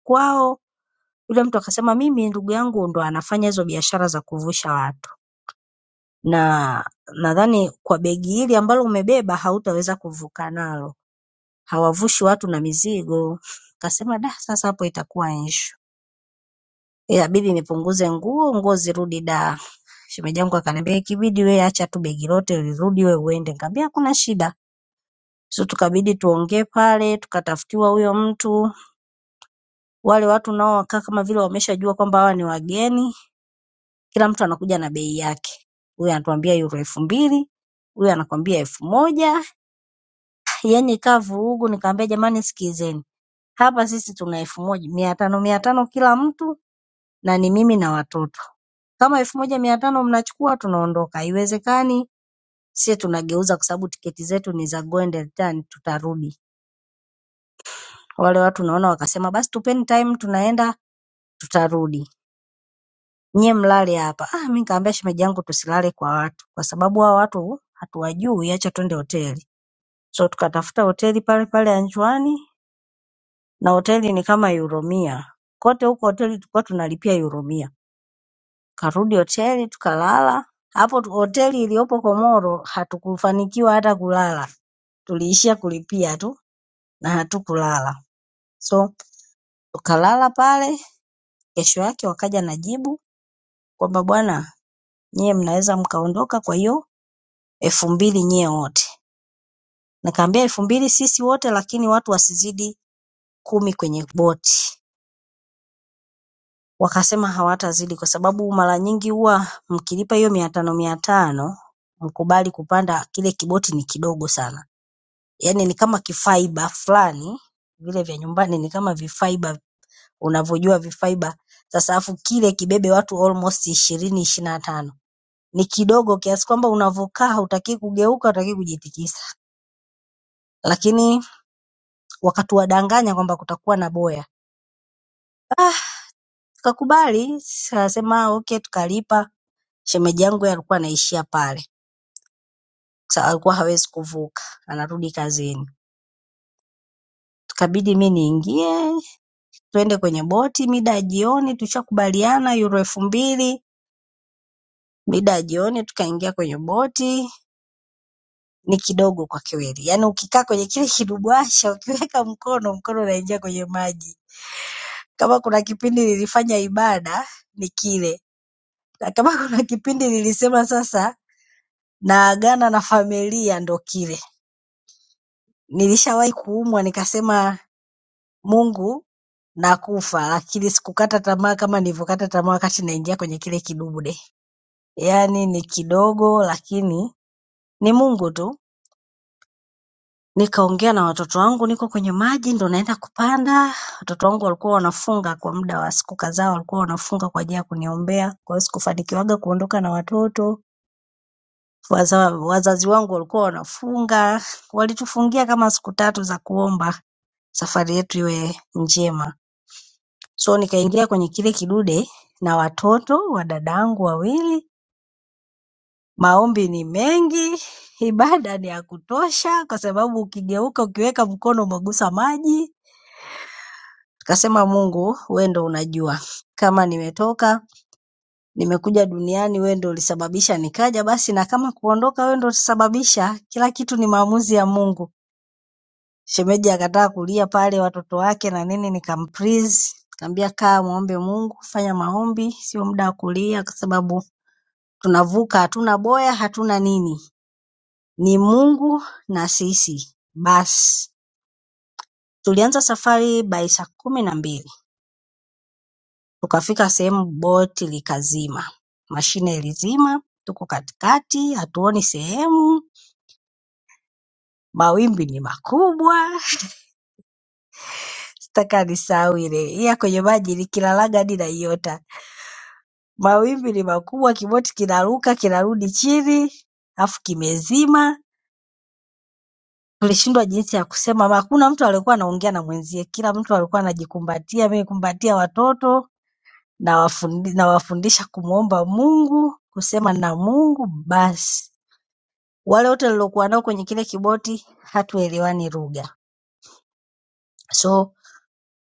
S2: kwao yule mtu akasema mimi ndugu yangu ndo anafanya hizo biashara za kuvusha watu. na nadhani kwa begi hili ambalo umebeba hautaweza kuvuka nalo, hawavushi watu na mizigo. Kasema da, sasa hapo itakuwa issue, inabidi nipunguze nguo, nguo zirudi da. Shemeji yangu akaniambia ikibidi we acha tu begi lote lirudi, we uende. Nikamwambia hakuna shida. So tukabidi tuongee pale, tukatafutiwa huyo mtu. Wale watu nao wakaa kama vile wameshajua kwamba hawa ni wageni, kila mtu anakuja na bei yake. Huyu anatuambia euro elfu mbili, huyu anakwambia elfu moja yaani ikawa vurugu, nikamwambia jamani, sikilizeni hapa sisi tuna elfu moja mia tano mia tano kila mtu, na ni mimi na watoto. Kama elfu moja mia tano mnachukua, tunaondoka. Haiwezekani sie tunageuza, kwa sababu tiketi zetu ni za go and return, tutarudi. Wale watu naona wakasema basi tupeni time, tunaenda tutarudi, nyie mlale hapa. Ah, mi nikamwambia shemeji yangu tusilale kwa watu, kwa sababu hao watu hatuwajui, acha twende hoteli. So tukatafuta hoteli pale pale Anjuani na hoteli ni kama euro mia. Kote huko hoteli tulikuwa tunalipia euro mia. Karudi hoteli tukalala. Hapo tu- hoteli iliyopo Komoro hatukufanikiwa hata kulala. Tuliishia kulipia tu na hatukulala. So tukalala pale, kesho yake wakaja na jibu kwamba bwana, nyie mnaweza mkaondoka kwa hiyo elfu mbili nyie wote. Nikaambia elfu mbili sisi wote lakini watu wasizidi kumi kwenye boti. wakasema hawatazidi kwa sababu mara nyingi huwa mkilipa hiyo mia tano mia tano mkubali kupanda kile kiboti ni kidogo sana yaani ni kama kifaiba fulani vile vya nyumbani ni kama vifaiba unavyojua vifaiba sasa afu kile kibebe watu almost ishirini ishirini na tano ni kidogo kiasi kwamba unavyokaa hutaki kugeuka hutaki kujitikisa lakini wakatuwadanganya kwamba kutakuwa na boya tukakubali sasa nasema okay tukalipa shemeji yangu yeye alikuwa anaishia pale Sasa alikuwa hawezi kuvuka anarudi kazini ikabidi mi niingie twende kwenye boti mida ya jioni tushakubaliana euro elfu mbili mida ya jioni tukaingia kwenye boti ni kidogo kwa kweli yaani ukikaa kwenye kile kidubuasha ukiweka mkono mkono unaingia kwenye maji kama kuna kipindi nilifanya ibada ni kile na kama kuna kipindi nilisema sasa naagana na familia ndo kile nilishawahi kuumwa nikasema mungu na kufa, lakini sikukata tamaa kama nilivyokata tamaa wakati naingia kwenye kile kidude. Yaani ni kidogo, lakini ni Mungu tu. Nikaongea na watoto wangu, niko kwenye maji ndo naenda kupanda. Watoto wangu walikuwa wanafunga kwa muda wa siku kadhaa, walikuwa wanafunga kwa ajili ya kuniombea, kwa hiyo sikufanikiwaga kuondoka na watoto. Waza, wazazi wangu walikuwa wanafunga, walitufungia kama siku tatu za kuomba safari yetu iwe njema. So nikaingia kwenye kile kidude na watoto wa dadangu wawili. Maombi ni mengi, ibada ni ya kutosha, kwa sababu ukigeuka ukiweka mkono umegusa maji. Tukasema, Mungu wewe ndo unajua kama nimetoka nimekuja duniani, wewe ndo ulisababisha nikaja, basi na kama kuondoka, wewe ndo ulisababisha. Kila kitu ni maamuzi ya Mungu. Shemeji akataka kulia pale, watoto wake na nini, nikamprise nikamwambia kaa muombe Mungu, fanya maombi, sio muda wa kulia, kwa sababu Tunavuka hatuna boya hatuna nini ni Mungu na sisi basi. Tulianza safari by saa kumi na mbili tukafika sehemu boti likazima, mashine ilizima, tuko katikati hatuoni sehemu, mawimbi ni makubwa sitaka nisahau ile iya kwenye maji nikilalaga hadi naiota. Mawimbi ni makubwa, kiboti kinaruka kinarudi chini, alafu kimezima tulishindwa jinsi ya kusema ama hakuna mtu aliyekuwa anaongea na mwenzie, kila mtu alikuwa anajikumbatia, mimi kumbatia watoto nawafundi- nawafundisha kumwomba Mungu, kusema na Mungu basi. Wale wote niliokuwa nao kwenye kile kiboti hatuelewani lugha, so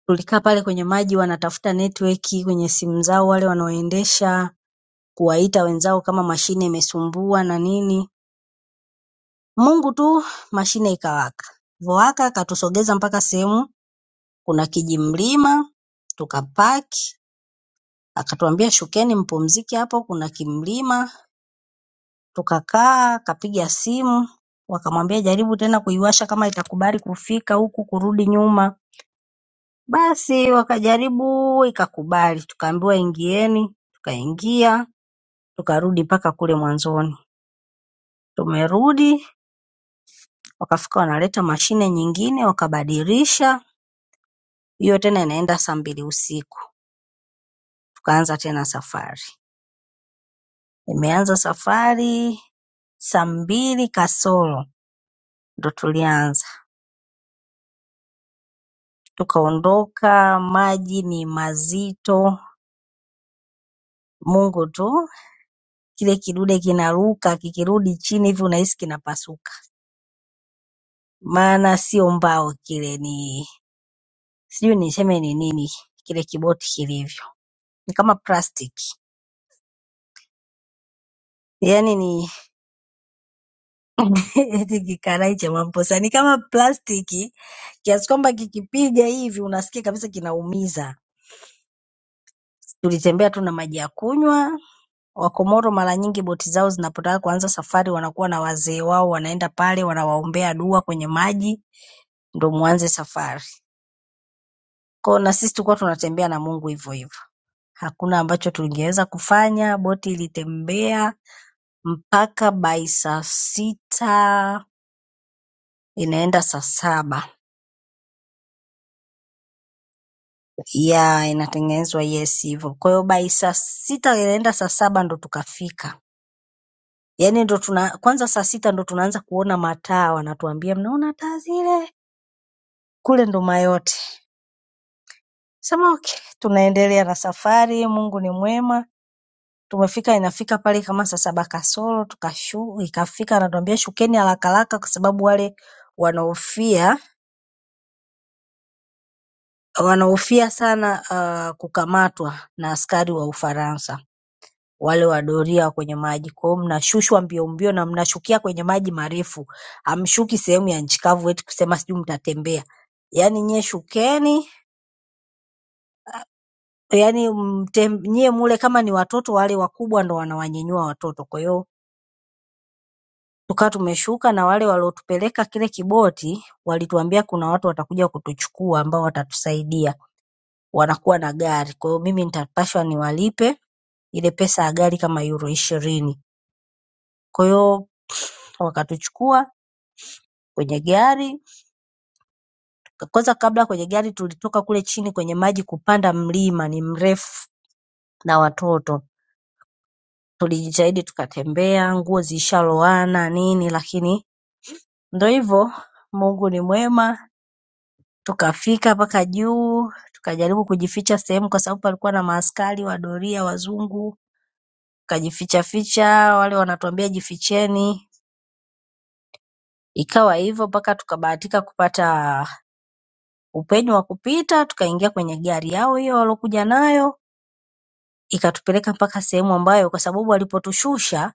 S2: tulikaa pale kwenye maji, wanatafuta network kwenye simu zao, wale wanaoendesha kuwaita wenzao kama mashine imesumbua na nini. Mungu tu, mashine ikawaka, voaka akatusogeza mpaka sehemu kuna kijimlima Tukapaki, akatuambia shukeni mpumzike hapo kuna kimlima, tukakaa, akapiga simu, wakamwambia jaribu tena kuiwasha kama itakubali kufika huku kurudi nyuma. Basi wakajaribu ikakubali, tukaambiwa ingieni, tukaingia, tukarudi mpaka kule mwanzoni. Tumerudi, wakafika wanaleta mashine nyingine wakabadilisha, hiyo tena inaenda saa mbili usiku. Tukaanza tena safari. Nimeanza safari saa mbili kasoro ndo tulianza, tukaondoka. Maji ni mazito, Mungu tu. Kile kidude kinaruka, kikirudi chini hivi unahisi kinapasuka, maana sio mbao kile, ni sijui niseme ni nini kile kiboti kilivyo, ni kama plastiki yaani ni eti kikarai cha mamposa ni kama plastiki kiasi kwamba kikipiga hivi unasikia kabisa kinaumiza. Tulitembea tu na maji ya kunywa Wakomoro mara nyingi boti zao zinapotaka kuanza safari wanakuwa na wazee wao wanaenda pale wanawaombea dua kwenye maji ndio mwanze safari. Kwa hiyo na sisi tulikuwa tunatembea na Mungu hivyo hivyo. Hakuna ambacho tungeweza kufanya, boti ilitembea mpaka by saa sita inaenda saa saba. Yeah, inatengenezwa yes hivyo. Kwa hiyo by saa sita inaenda saa saba ndo tukafika. Yaani ndo tuna kwanza saa sita ndo tunaanza kuona mataa wanatuambia mnaona taa zile? Kule ndo Mayotte. Sema okay, tunaendelea na safari, Mungu ni mwema. Tumefika inafika pale kama saa saba kasoro tukashu ikafika anatuambia shukeni haraka haraka kwa sababu wale wanaofia wanaofia sana uh, kukamatwa na askari wa Ufaransa wale wa doria kwenye maji. Kwa hiyo mnashushwa mbio mbio na mnashukia kwenye maji marefu. Hamshuki sehemu ya nchi kavu eti kusema sijui mtatembea. Yaani nyie shukeni yaani mte- nyie mule kama ni watoto wale wakubwa ndo wanawanyanyua watoto. Kwa hiyo tukawa tumeshuka na wale waliotupeleka kile kiboti walituambia kuna watu watakuja kutuchukua ambao watatusaidia, wanakuwa na gari. Kwa hiyo mimi nitapashwa niwalipe ile pesa ya gari kama euro ishirini. Kwa hiyo wakatuchukua kwenye gari. Kwanza kabla kwenye gari tulitoka kule chini kwenye maji kupanda mlima, ni mrefu na watoto tulijitahidi tukatembea, nguo zishaloana nini, lakini Ndo hivyo Mungu ni mwema, tukafika mpaka juu, tukajaribu kujificha sehemu kwa sababu palikuwa na maaskari wa doria wazungu, tukajificha ficha, wale wanatuambia jificheni. Ikawa hivyo mpaka tukabahatika kupata upenyo wa kupita, tukaingia kwenye gari yao hiyo walokuja nayo, ikatupeleka mpaka sehemu ambayo kwa sababu walipotushusha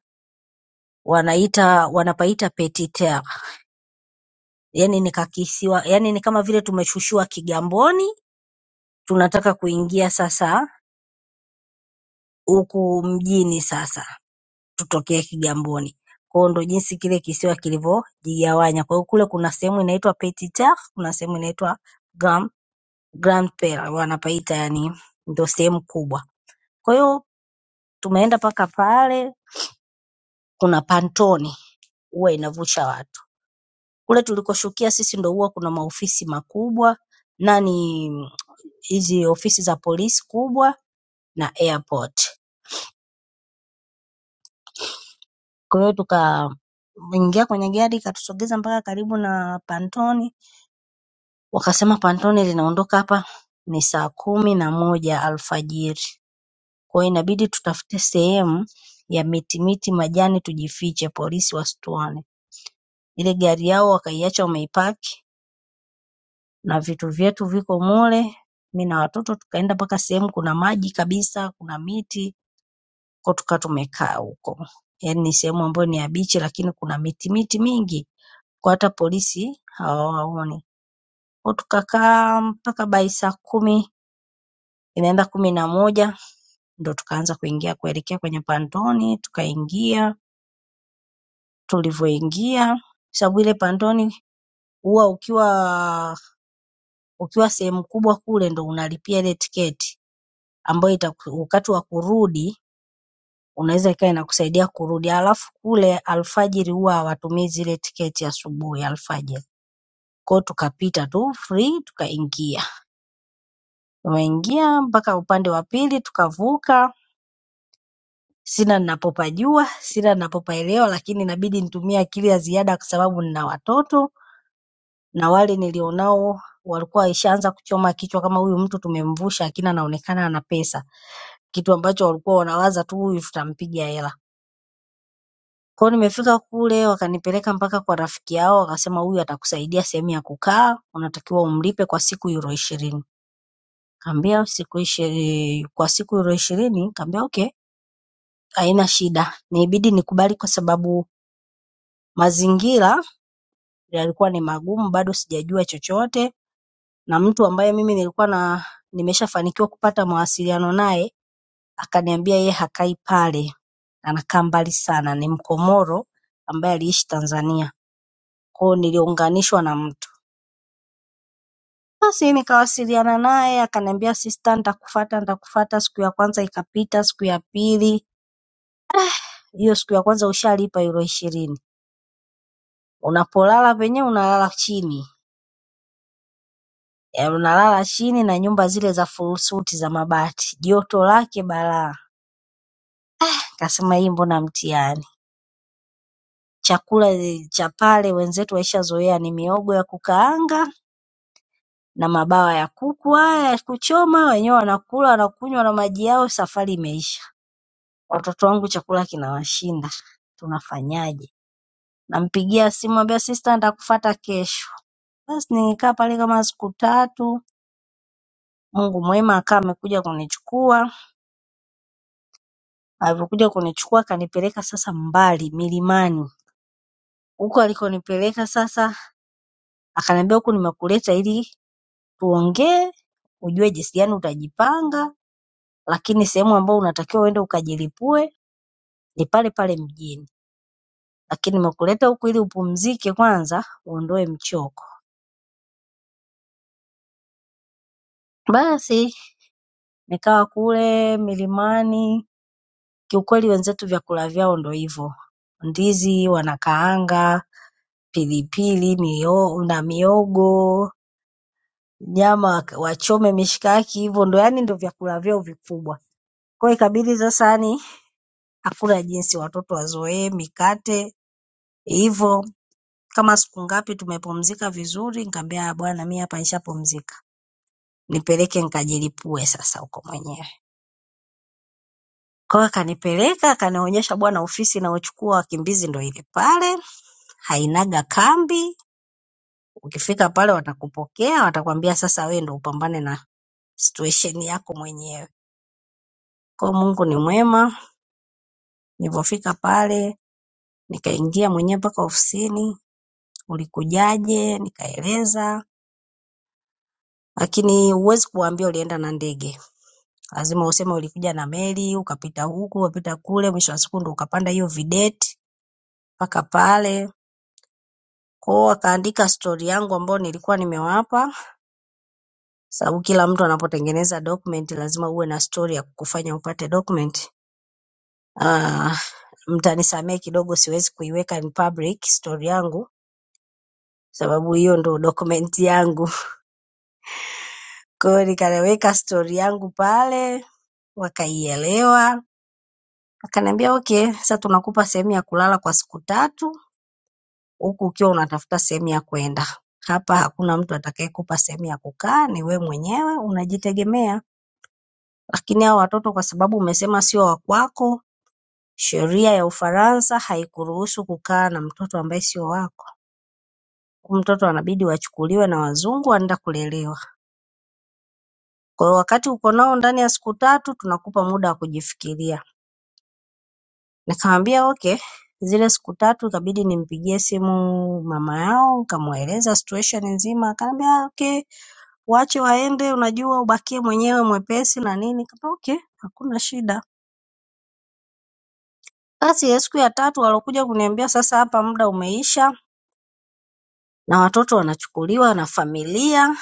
S2: wanaita wanapaita Petit Terre. Yaani ni kakisiwa, yaani ni kama vile tumeshushiwa Kigamboni, tunataka kuingia sasa huku mjini sasa tutokee Kigamboni. Kwa hiyo ndo jinsi kile kisiwa kilivyojigawanya. Kwa hiyo kule kuna sehemu inaitwa Petit Tard, kuna sehemu inaitwa Grand, Grand Pere wanapaita yani ndo sehemu kubwa. Kwa hiyo tumeenda mpaka pale kuna pantoni huwa inavusha watu. Kule tulikoshukia sisi ndo huwa kuna maofisi makubwa nani hizi ofisi za polisi kubwa na airport. Kwa hiyo tukaingia kwenye gari ikatusogeza mpaka karibu na Pantoni, wakasema Pantoni linaondoka hapa ni saa kumi na moja alfajiri. Kwa hiyo inabidi tutafute sehemu ya miti miti, majani tujifiche, polisi wasituone. Ile gari yao wakaiacha wameipaki na vitu vyetu viko mule. Mimi na watoto tukaenda mpaka sehemu kuna maji kabisa, kuna miti, kwa hiyo tukawa tumekaa huko. Yaani ni sehemu ambayo ni ya bichi lakini kuna miti miti mingi. kwa hata polisi hawawaoni. Kwa Tukakaa mpaka by saa kumi inaenda kumi na moja ndio tukaanza kuingia kuelekea kwenye pantoni tukaingia. Tulivyoingia sababu ile pantoni huwa ukiwa ukiwa sehemu kubwa kule ndio unalipia ile tiketi ambayo itaku- wakati wa kurudi unaweza ikawa inakusaidia kurudi. Alafu kule alfajiri huwa hawatumii zile tiketi asubuhi alfajiri. Kwa hiyo tukapita tu free tukaingia. Wameingia mpaka upande wa pili tukavuka. Sina ninapopajua, sina ninapopaelewa, lakini inabidi nitumie akili ya ziada kwa sababu nina watoto na wale nilionao walikuwa waishaanza kuchoma kichwa kama huyu mtu tumemvusha, lakini anaonekana ana pesa, kitu ambacho walikuwa wanawaza tu huyu tutampiga hela. Kwao nimefika kule, wakanipeleka mpaka kwa rafiki yao, wakasema huyu atakusaidia sehemu ya kukaa, unatakiwa umlipe kwa siku euro ishirini. Kaambia siku ishi, kwa siku euro ishirini? Kaambia okay. haina shida ilibidi nikubali kwa sababu mazingira yalikuwa ni magumu bado sijajua chochote na mtu ambaye mimi nilikuwa na nimeshafanikiwa kupata mawasiliano naye akaniambia yeye hakai pale anakaa mbali sana ni mkomoro ambaye aliishi Tanzania kwa hiyo niliunganishwa na mtu basi nikawasiliana naye akaniambia sister nitakufuata nitakufuata siku ya kwanza ikapita siku ya pili hiyo siku ya kwanza ushalipa euro ishirini unapolala penyewe unalala chini unalala chini na nyumba zile za furusuti za mabati, joto lake balaa. Kasema hii mbona mtihani? Chakula cha pale wenzetu waishazoea ni mihogo ya kukaanga na mabawa ya kuku haya ya kuchoma, wenyewe wanakula wanakunywa na maji yao, safari imeisha. Watoto wangu chakula kinawashinda, tunafanyaje? Nampigia simu ambia sista, nitakufuata kesho. Basi nilikaa pale kama siku tatu, Mungu mwema akaa amekuja kunichukua Alivyokuja kunichukua akanipeleka sasa mbali milimani. Huko alikonipeleka sasa akaniambia huku nimekuleta ili tuongee, ujue jinsi gani utajipanga, lakini sehemu ambayo unatakiwa uende ukajilipue ni pale pale mjini. Lakini nimekuleta huku ili upumzike kwanza, uondoe mchoko. Basi nikawa kule milimani, kiukweli wenzetu vyakula vyao ndo hivyo. Ndizi wanakaanga, pilipili, mio na miogo nyama wak- wachome mishikaki hivyo ndo yani ndo vyakula vyao vikubwa. Kwa hiyo ikabidi sasa yani hakuna jinsi watoto wazoee mikate hivyo. Kama siku ngapi tumepumzika vizuri, nikamwambia "Ah, bwana mimi hapa nishapumzika. Nipeleke nikajilipue sasa huko mwenyewe. Kwa hiyo akanipeleka akanionyesha bwana ofisi inayochukua wakimbizi ndo ile pale, hainaga kambi. Ukifika pale watakupokea, watakwambia sasa wewe ndo upambane na situation yako mwenyewe. Kwa hiyo Mungu ni mwema. Nilivyofika pale nikaingia mwenyewe mpaka ofisini, ulikujaje? Nikaeleza, lakini huwezi kuwaambia ulienda na ndege, lazima useme ulikuja na meli, ukapita huku, ukapita kule, mwisho wa siku ndo ukapanda hiyo videti mpaka pale. Kwa hiyo wakaandika stori yangu ambayo nilikuwa nimewapa, sababu kila mtu anapotengeneza document lazima uwe na stori ya kukufanya upate document. Ah, mtanisamehe kidogo, siwezi kuiweka in public stori yangu, sababu hiyo ndo document yangu. Kwa hiyo nikaweka stori yangu pale, wakaielewa. Wakaniambia okay, sasa tunakupa sehemu ya kulala kwa siku tatu, huku ukiwa unatafuta sehemu ya kwenda. Hapa hakuna mtu atakayekupa sehemu ya kukaa, ni wewe mwenyewe unajitegemea. Lakini hao watoto kwa sababu umesema sio wa kwako, sheria ya Ufaransa haikuruhusu kukaa na mtoto ambaye sio wako. Huyu Mtoto anabidi wachukuliwe na wazungu, anaenda kulelewa. Kwa hiyo wakati uko nao ndani ya siku tatu, tunakupa muda wa kujifikiria. Nikamwambia okay, zile siku tatu ikabidi nimpigie simu mama yao, nikamweleza situation nzima. Akaniambia okay, waache waende, unajua ubakie mwenyewe mwepesi na nini. Nikamwambia okay, hakuna shida. Basi ya siku ya tatu walokuja kuniambia sasa, hapa muda umeisha na watoto wanachukuliwa na familia,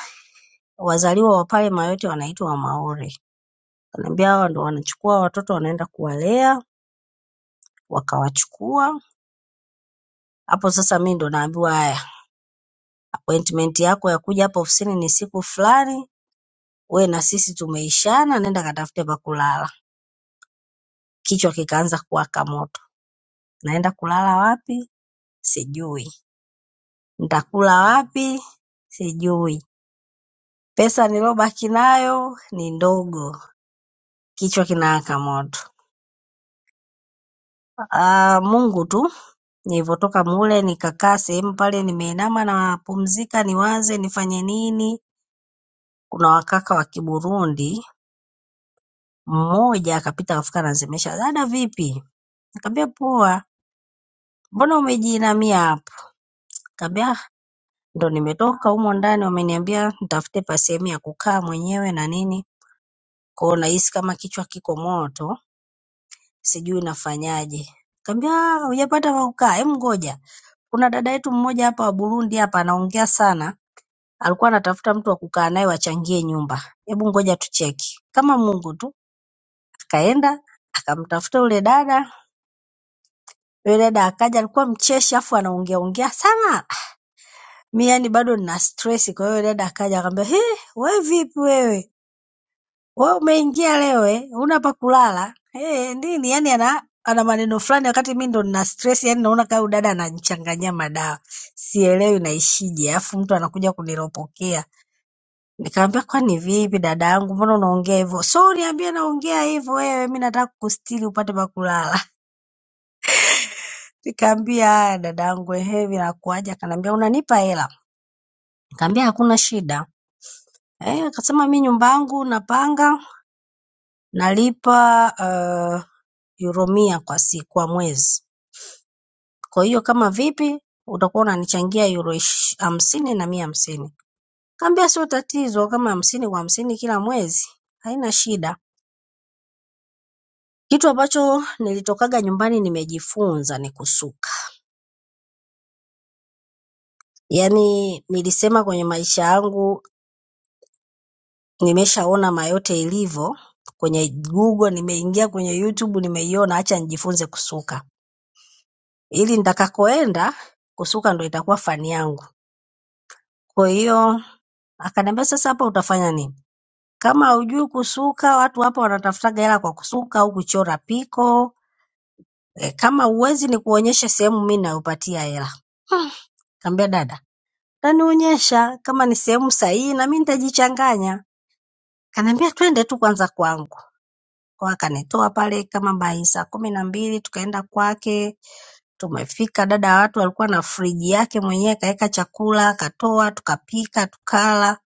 S2: wazaliwa wa pale Mayoti wanaitwa Wamaore. Kaniambia hawa ndo wanachukua watoto wanaenda kuwalea, wakawachukua hapo sasa mi ndo naambiwa haya appointment yako ya kuja hapa ofisini ni siku fulani, we na sisi tumeishana, nenda katafute pa kulala. Kichwa kikaanza kuwaka moto, naenda kulala wapi? Sijui. Nitakula wapi? Sijui. Pesa nilobaki nayo ni ndogo, kichwa kinawaka moto. Ah, Mungu tu. Nilivyotoka mule nikakaa sehemu pale, nimeinama napumzika, niwaze nifanye nini. Kuna wakaka wa Kiburundi mmoja akapita akafika anazimesha, dada vipi? Nikamwambia poa, mbona umejiinamia hapa? Nikamwambia "Ah, ndo nimetoka humo ndani, wameniambia nitafute pa sehemu ya kukaa mwenyewe na nini, kwa hiyo nahisi kama kichwa kiko moto, sijui nafanyaje. Nikamwambia "Ah, hujapata pa kukaa, hebu ngoja, kuna dada yetu mmoja hapa wa Burundi hapa anaongea sana, alikuwa anatafuta mtu wa kukaa naye wachangie nyumba, hebu ngoja tucheki, kama Mungu tu." Akaenda akamtafuta yule dada, yule dada akaja, alikuwa mcheshi, afu anaongea ongea sana mi yani bado nina stress. Kwa hiyo dada akaja akaniambia, he, we vipi wewe, we umeingia leo eh, una pa kulala eh, nini? Yani ana ana maneno fulani, wakati mi ndo nina stress, yani naona kama huyu dada ananichanganyia madawa, sielewi naishije, alafu mtu anakuja kuniropokea. Nikamwambia, kwani vipi dada yangu, mbona unaongea hivyo? So niambie naongea hivyo wewe, mi nataka kukustiri upate pa kulala. Nikamwambia, haya dada yangu, ehe, vinakuaje? Akaniambia, unanipa hela? Nikamwambia, hakuna shida Eh, akasema mi nyumba yangu napanga nalipa uh, euro mia kwa si, kwa mwezi. Kwa hiyo kama vipi utakuwa unanichangia euro ish- hamsini na mia hamsini. Kaambia sio tatizo, kama hamsini kwa hamsini kila mwezi haina shida. Kitu ambacho nilitokaga nyumbani nimejifunza ni kusuka. Yaani nilisema kwenye maisha yangu nimeshaona mayote ilivyo kwenye Google, nimeingia kwenye YouTube, nimeiona, acha nijifunze kusuka. ili nitakakoenda kusuka ndo itakuwa fani yangu. Kwa hiyo akaniambia, sasa hapa utafanya nini? Kama hujui kusuka, watu hapa wanatafutaga hela kwa kusuka au kuchora piko. E, kama uwezi ni kuonyeshe sehemu mi nayopatia hela. Kaambia dada, tanionyesha kama ni sehemu sahihi na mi nitajichanganya. Kaniambia twende tu kwanza kwangu. Kwa hiyo akanitoa pale kama by saa kumi na mbili tukaenda kwake Tumefika dada ya watu alikuwa na friji yake mwenyewe kaeka chakula katoa tukapika tukala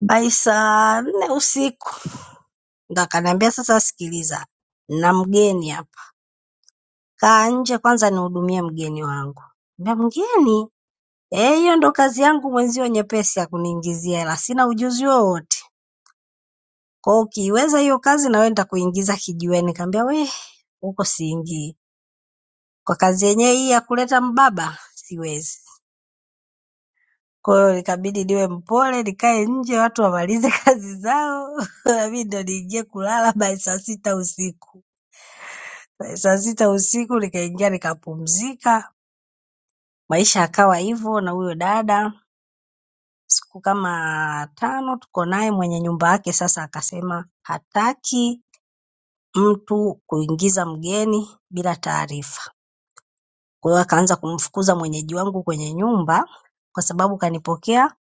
S2: by saa nne usiku ndo akaniambia sasa sikiliza na mgeni hapa kaa nje kwanza nihudumie mgeni wangu Nikamwambia mgeni eh hiyo ndo kazi yangu mwenzio nyepesi ya kuniingizia hela sina ujuzi wowote kwa hiyo ukiiweza hiyo kazi na wewe nitakuingiza kijiweni nikamwambia we huko siingii kwa kazi yenyewe hii ya kuleta mbaba siwezi Kwa hiyo likabidi niwe mpole, nikae nje watu wamalize kazi zao, nami ndo niingie kulala by saa sita usiku. By saa sita usiku nikaingia nikapumzika, maisha yakawa hivyo. Na huyo dada siku kama tano tuko naye, mwenye nyumba yake sasa akasema hataki mtu kuingiza mgeni bila taarifa. Kwa hiyo akaanza kumfukuza mwenyeji wangu kwenye nyumba kwa sababu kanipokea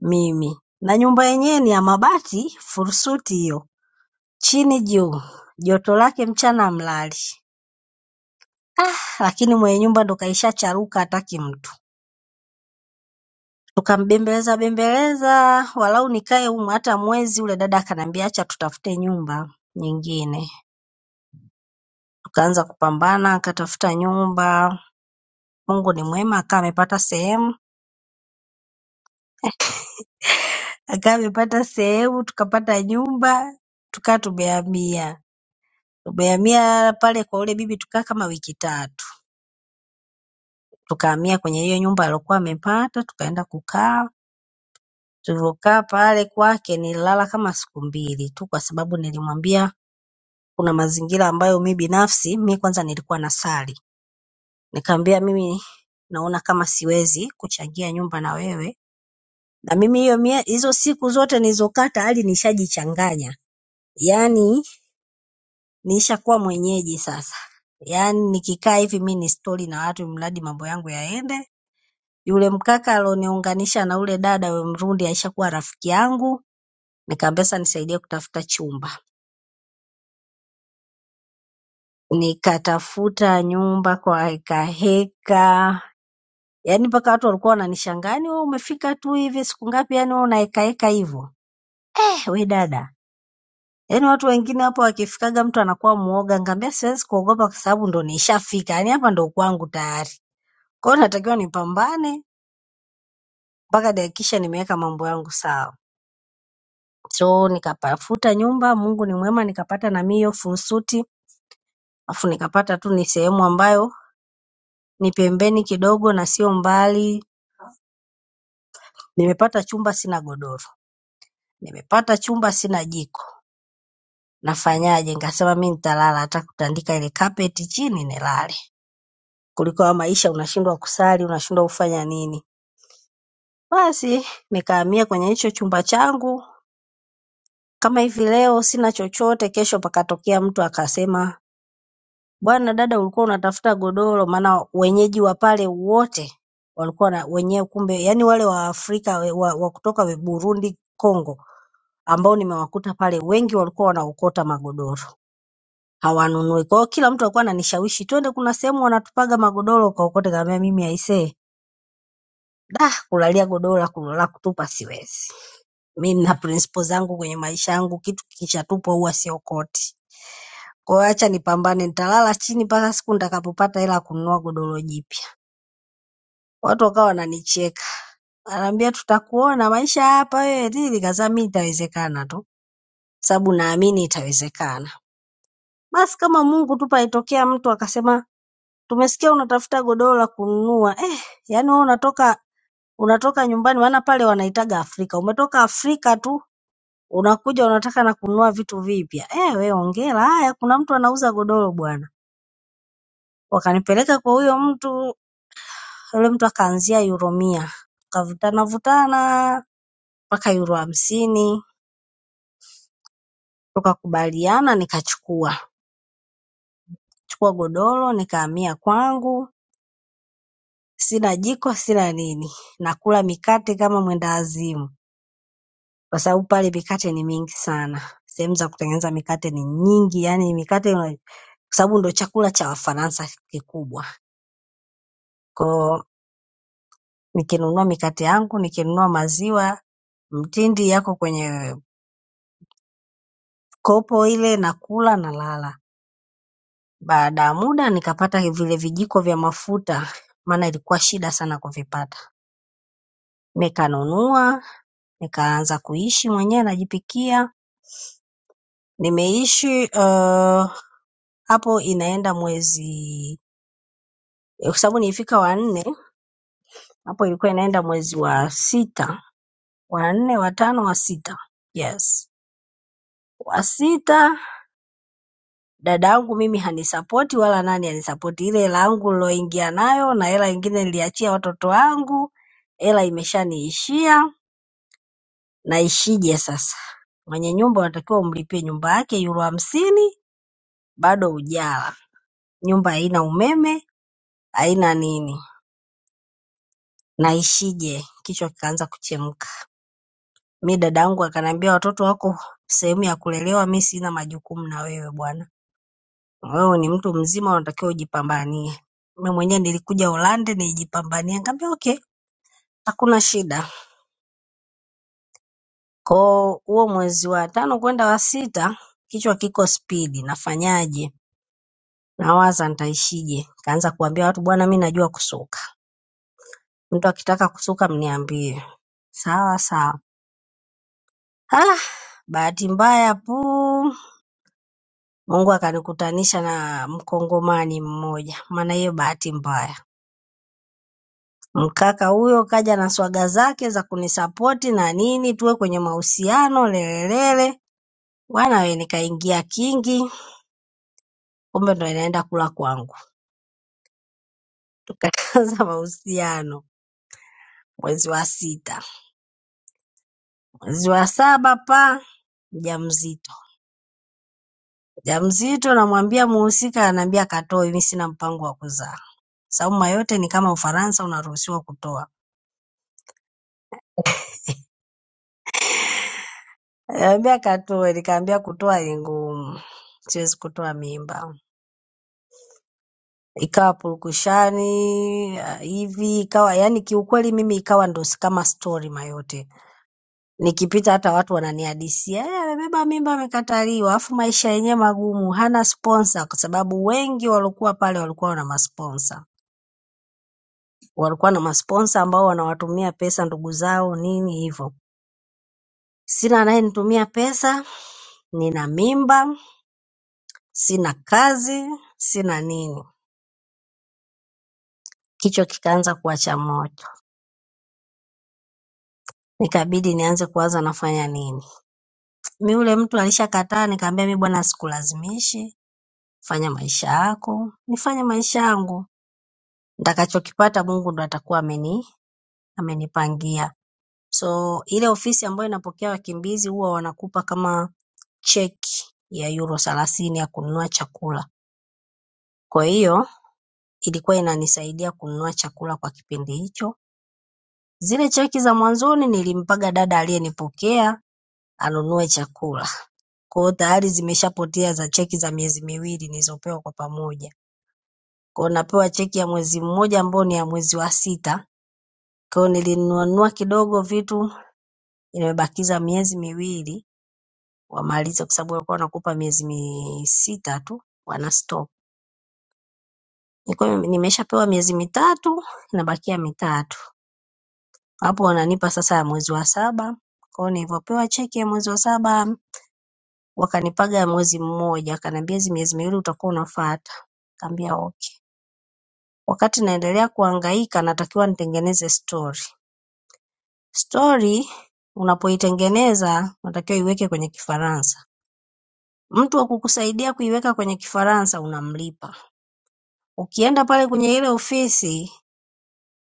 S2: mimi, na nyumba yenyewe ni ya mabati fursuti hiyo Chini juu, joto lake mchana mlali, ah! Lakini mwenye nyumba ndo kaishacharuka hataki mtu. Tukambembeleza bembeleza walau nikae humu hata mwezi, ule dada akaniambia acha tutafute nyumba nyingine. Tukaanza kupambana, akatafuta nyumba. Mungu ni mwema, akawa amepata sehemu, akawa amepata sehemu, tukapata nyumba, tukawa tumehamia. Tumehamia pale kwa yule bibi, tukaa kama wiki tatu. Tukahamia kwenye hiyo nyumba aliyokuwa amepata, tukaenda kukaa Tulivyokaa pale kwake nililala kama siku mbili tu kwa sababu nilimwambia kuna mazingira ambayo mi binafsi mi kwanza nilikuwa nasali. Nikamwambia mimi naona kama siwezi kuchangia nyumba na wewe na mimi hiyo mie- hizo siku zote nilizokaa tayari nishajichanganya. Yaani nishakuwa mwenyeji sasa. Yaani nikikaa hivi mi ni stori na watu mradi mambo yangu yaende. Yule mkaka alioniunganisha na ule dada wa Mrundi alishakuwa rafiki yangu. Nikamwambia sasa nisaidie kutafuta chumba. nikatafuta nyumba kwa heka heka, yaani mpaka watu walikuwa wananishangaa, yaani wewe umefika tu hivi siku ngapi, yaani wewe unaheka heka hivyo eh? We dada, yaani watu wengine hapa wakifikaga mtu anakuwa muoga, ngambia siwezi kuogopa kwa sababu ndo nishafika, yaani hapa ndo kwangu tayari. Kwa hiyo natakiwa nipambane mpaka nihakikishe nimeweka mambo yangu sawa. So nikapafuta nyumba, Mungu ni mwema, nikapata na mimi hiyo fursuti, afu nikapata tu ni sehemu ambayo ni pembeni kidogo na sio mbali Nimepata chumba sina godoro, nimepata chumba sina jiko, nafanyaje? Nikasema mi nitalala, hata kutandika ile kapeti chini nilale, kuliko haya maisha unashindwa kusali, unashindwa kufanya nini. Basi nikahamia kwenye hicho chumba changu, kama hivi leo sina chochote, kesho pakatokea mtu akasema, bwana dada, ulikuwa unatafuta godoro? Maana wenyeji wa pale wote walikuwa na wenyewe, kumbe yani wale Waafrika wa, wa kutoka Burundi, Kongo ambao nimewakuta pale wengi walikuwa wanaokota magodoro hawanunui. Kwa hiyo kila mtu alikuwa ananishawishi twende, kuna sehemu wanatupaga magodoro ukaokote. Kaambia mimi aisee, da kulalia godoro la ku- la kutupa siwezi. Mi nina principle zangu kwenye maisha yangu, kitu kikishatupwa huwa siokoti. Kwa hiyo acha nipambane, nitalala chini mpaka siku nitakapopata hela ya kununua godoro jipya. Watu wakawa wananicheka, wanaambia tutakuona maisha hapa wewe nini. Nikasema mimi itawezekana tu, sababu naamini itawezekana. Basi kama Mungu tu paitokea mtu akasema tumesikia unatafuta godoro la kununua. Eh, yaani wewe unatoka unatoka nyumbani maana pale wanaitaga Afrika. Umetoka Afrika tu unakuja unataka na kununua vitu vipya. Eh, we hongera. Haya kuna mtu anauza godoro bwana. Wakanipeleka kwa huyo mtu, yule mtu akaanzia euro mia. Tukavutana vutana mpaka euro hamsini. Tukakubaliana nikachukua. Chukua godoro nikahamia kwangu. sina jiko sina nini nakula mikate kama mwendawazimu kwa sababu pale mikate ni mingi sana sehemu za kutengeneza mikate ni nyingi yani mikate una- kwa sababu ndo chakula cha wafaransa kikubwa kwao nikinunua mikate yangu nikinunua maziwa mtindi yako kwenye kopo ile nakula nalala baada ya muda nikapata vile vijiko vya mafuta maana ilikuwa shida sana kuvipata nikanunua nikaanza kuishi mwenyewe najipikia Nimeishi uh, hapo inaenda mwezi eh, kwa sababu nilifika wa nne hapo, ilikuwa inaenda mwezi wa sita, wa nne, wa tano, wa sita, yes, wa sita. Dada yangu mimi hanisapoti wala nani hanisapoti, ile hela yangu niloingia nayo na hela ingine niliachia watoto wangu, hela imeshaniishia, naishije sasa? Mwenye nyumba unatakiwa umlipie nyumba yake euro hamsini, bado hujala, nyumba haina umeme, haina nini. na ishije, kichwa kikaanza kuchemka. Mi dadangu akaniambia watoto wako sehemu ya kulelewa, mi sina majukumu na wewe bwana, wewe ni mtu mzima, unatakiwa ujipambanie. Mi mwenyewe nilikuja Ulande nijipambanie, nikamwambia okay, hakuna shida. Koo huo mwezi wa tano kwenda wa sita, kichwa kiko spidi, nafanyaje? Nawaza nitaishije? Kaanza kuambia watu, bwana, mi najua kusuka, mtu akitaka kusuka mniambie. Sawa sawa. Ah, bahati mbaya puu Mungu akanikutanisha na mkongomani mmoja, maana hiyo bahati mbaya. Mkaka huyo kaja na swaga zake za kunisapoti na nini, tuwe kwenye mahusiano lelelele. Bwana we, nikaingia kingi, kumbe ndo inaenda kula kwangu. Tukaanza mahusiano mwezi wa sita, mwezi wa saba pa mjamzito, mjamzito namwambia muhusika, anaambia katoe, mimi sina mpango wa kuzaa. Sababu mayote ni kama Ufaransa, unaruhusiwa kutoa. Aliniambia katoe, nikaambia kutoa ni ngumu, siwezi kutoa mimba. Ikawa purukushani ah, hivi ikawa yani, kiukweli mimi ikawa ndo s- kama story mayote, nikipita hata watu wananihadisia "Eh, amebeba mimba amekataliwa, afu maisha yenyewe magumu, hana sponsor, kwa sababu wengi waliokuwa pale walikuwa wana masponsa, walikuwa na masponsa ambao wanawatumia pesa ndugu zao nini hivyo. Sina anayenitumia pesa, nina mimba, sina kazi, sina nini. Kichwa kikaanza kuwasha moto, nikabidi nianze kuwaza nafanya nini. Mi yule mtu alishakataa, nikamwambia mi bwana sikulazimishi, fanya maisha yako, nifanye maisha yangu. Nitakachokipata Mungu ndo atakuwa ameni amenipangia. So ile ofisi ambayo inapokea wakimbizi huwa wanakupa kama cheki ya euro thelathini ya kununua chakula. Kwa hiyo ilikuwa inanisaidia kununua chakula kwa kipindi hicho. Zile cheki za mwanzoni nilimpaga dada aliyenipokea anunue chakula. Kwa hiyo tayari zimeshapotea za cheki za miezi miwili nilizopewa kwa pamoja. Kwa hiyo napewa cheki ya mwezi mmoja ambayo ni ya mwezi wa sita. Kwa hiyo nilinunua nunua kidogo vitu, nimebakiza miezi miwili wamalize, kwa sababu walikuwa wanakupa miezi mi sita tu wana stop. Nilikuwa nime- nimeshapewa miezi mitatu, inabakia mitatu. Hapo wananipa sasa ya mwezi wa saba. Kwa hiyo nilivyopewa cheki ya mwezi wa saba wakanipaga ya mwezi mmoja, wakaniambia hizi miezi miwili utakuwa unafuata. Nikamwambia okay. wakati naendelea kuhangaika natakiwa nitengeneze story. Story unapoitengeneza unatakiwa uiweke kwenye Kifaransa. Mtu wa kukusaidia kuiweka kwenye Kifaransa unamlipa. Ukienda pale kwenye ile ofisi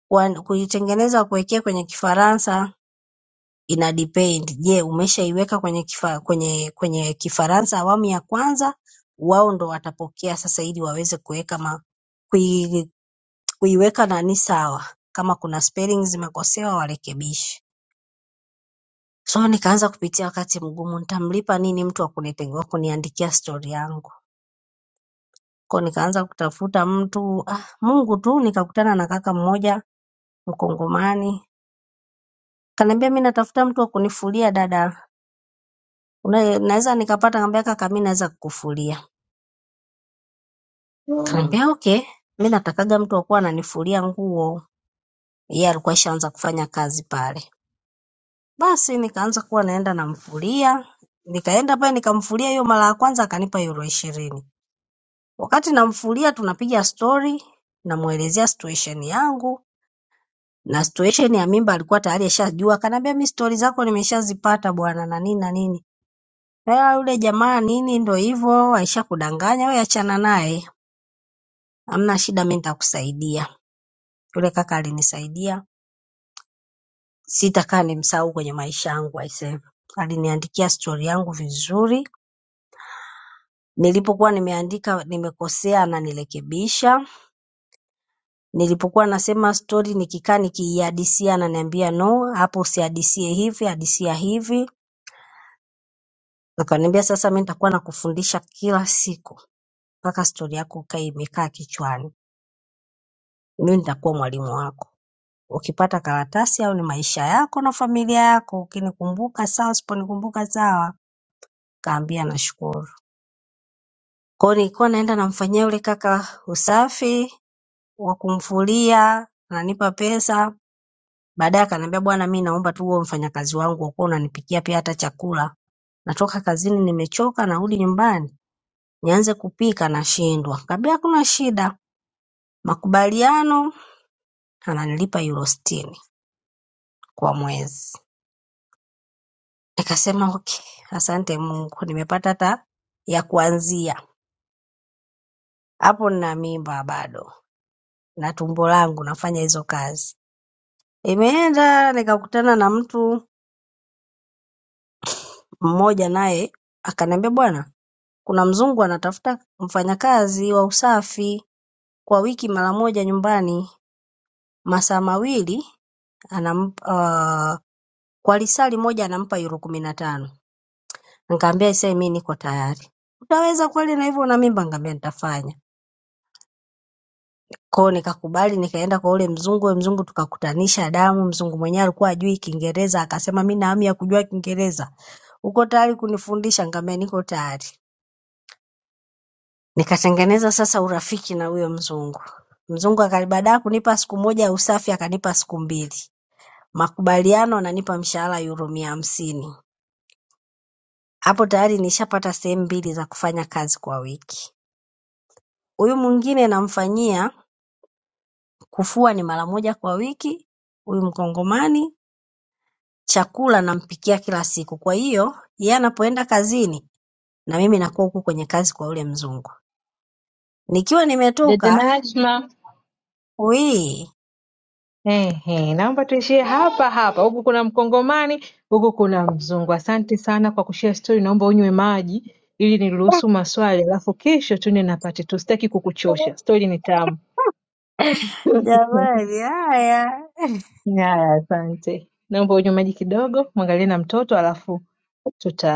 S2: kwa- kuitengeneza kuwekea kwenye Kifaransa ina depend. Je, umeshaiweka kwenye kifa, kwenye kwenye Kifaransa awamu ya kwanza? Wao ndo watapokea sasa ili waweze kuweka ma, kui, kuiweka nani sawa. Kama kuna spelling zimekosewa warekebishe. So nikaanza kupitia wakati mgumu, nitamlipa nini mtu wa kunite- wa kuniandikia stori yangu? Kwa hiyo nikaanza kutafuta mtu ah, Mungu tu, nikakutana na kaka mmoja Mkongomani, kaniambia mi natafuta mtu wa kunifulia dada, Una- naweza nikapata? Kaambia kaka, mi naweza kukufulia. Kaniambia okay, mi natakaga mtu wa kuwa ananifulia nguo. Yeye alikuwa ishaanza kufanya kazi pale, basi nikaanza kuwa naenda namfulia, nikaenda pale nikamfulia hiyo mara ya kwanza akanipa euro ishirini Wakati namfulia tunapiga stori namuelezea situation yangu na situation ya mimba alikuwa tayari ashajua akaniambia mi stori zako nimeshazipata bwana na nini na nini. Ela yule jamaa nini ndo hivyo aisha kudanganya wewe achana naye. Hamna shida mimi nitakusaidia. Yule kaka alinisaidia. Sitakaa nimsahau kwenye maisha yangu aisee. Aliniandikia stori yangu vizuri. Nilipokuwa nimeandika nimekosea ananirekebisha. Nilipokuwa nasema stori nikikaa nikiihadisia ananiambia no, hapo usihadisie hivi, hadisia hivi. Akaniambia sasa mimi nitakuwa nakufundisha kila siku mpaka stori yako ikae imekaa kichwani. Mimi nitakuwa mwalimu wako. Ukipata karatasi au ni maisha yako na familia yako, ukinikumbuka sawa, usiponikumbuka sawa. Kaambia nashukuru. Kwa hiyo nilikuwa naenda namfanyia yule kaka usafi wa kumfulia, ananipa pesa Baadaye akaniambia bwana mimi naomba tu uwe mfanyakazi wangu kwa kuwa unanipikia pia hata chakula. Natoka kazini nimechoka narudi nyumbani nianze kupika nashindwa. Nikamwambia hakuna shida. Makubaliano ananilipa euro sitini kwa mwezi. Nikasema okay, asante Mungu nimepata hata ya kuanzia. Hapo nina mimba bado na tumbo langu nafanya hizo kazi. Imeenda nikakutana na mtu mmoja naye akaniambia bwana Kuna mzungu anatafuta mfanyakazi wa usafi kwa wiki mara moja nyumbani masaa mawili anampa uh, kwa lisali moja anampa euro kumi na tano. Nikamwambia sasa mimi niko tayari. Utaweza kweli na hivyo na mimba? Nikamwambia nitafanya. Kwa hiyo nikakubali nikaenda kwa ule mzungu, ule mzungu tukakutanisha damu, mzungu mwenyewe alikuwa hajui Kiingereza akasema mimi na hamu ya kujua Kiingereza. Uko tayari kunifundisha? Nikamwambia niko tayari. Nikatengeneza sasa urafiki na huyo mzungu. Mzungu akali baada ya kunipa siku moja ya usafi akanipa siku mbili. Makubaliano ananipa mshahara euro mia hamsini. Hapo tayari nishapata sehemu mbili za kufanya kazi kwa wiki. Huyu mwingine namfanyia kufua ni mara moja kwa wiki, huyu mkongomani, chakula nampikia kila siku. Kwa hiyo yeye anapoenda kazini na mimi nakuwa huku kwenye kazi kwa yule mzungu. Nikiwa
S1: Dada
S2: nimetoka,
S1: Najma.
S2: wii
S1: Ehe, naomba tuishie hapa hapa. Huku kuna Mkongomani, huku kuna Mzungu. Asante sana kwa kushare story. Naomba unywe maji ili niruhusu maswali, alafu kesho tuende na pati tu. Sitaki kukuchosha, story ni tamu.
S2: jamani, haya
S1: Haya, asante. Naomba unywe maji kidogo, mwangalie na mtoto, alafu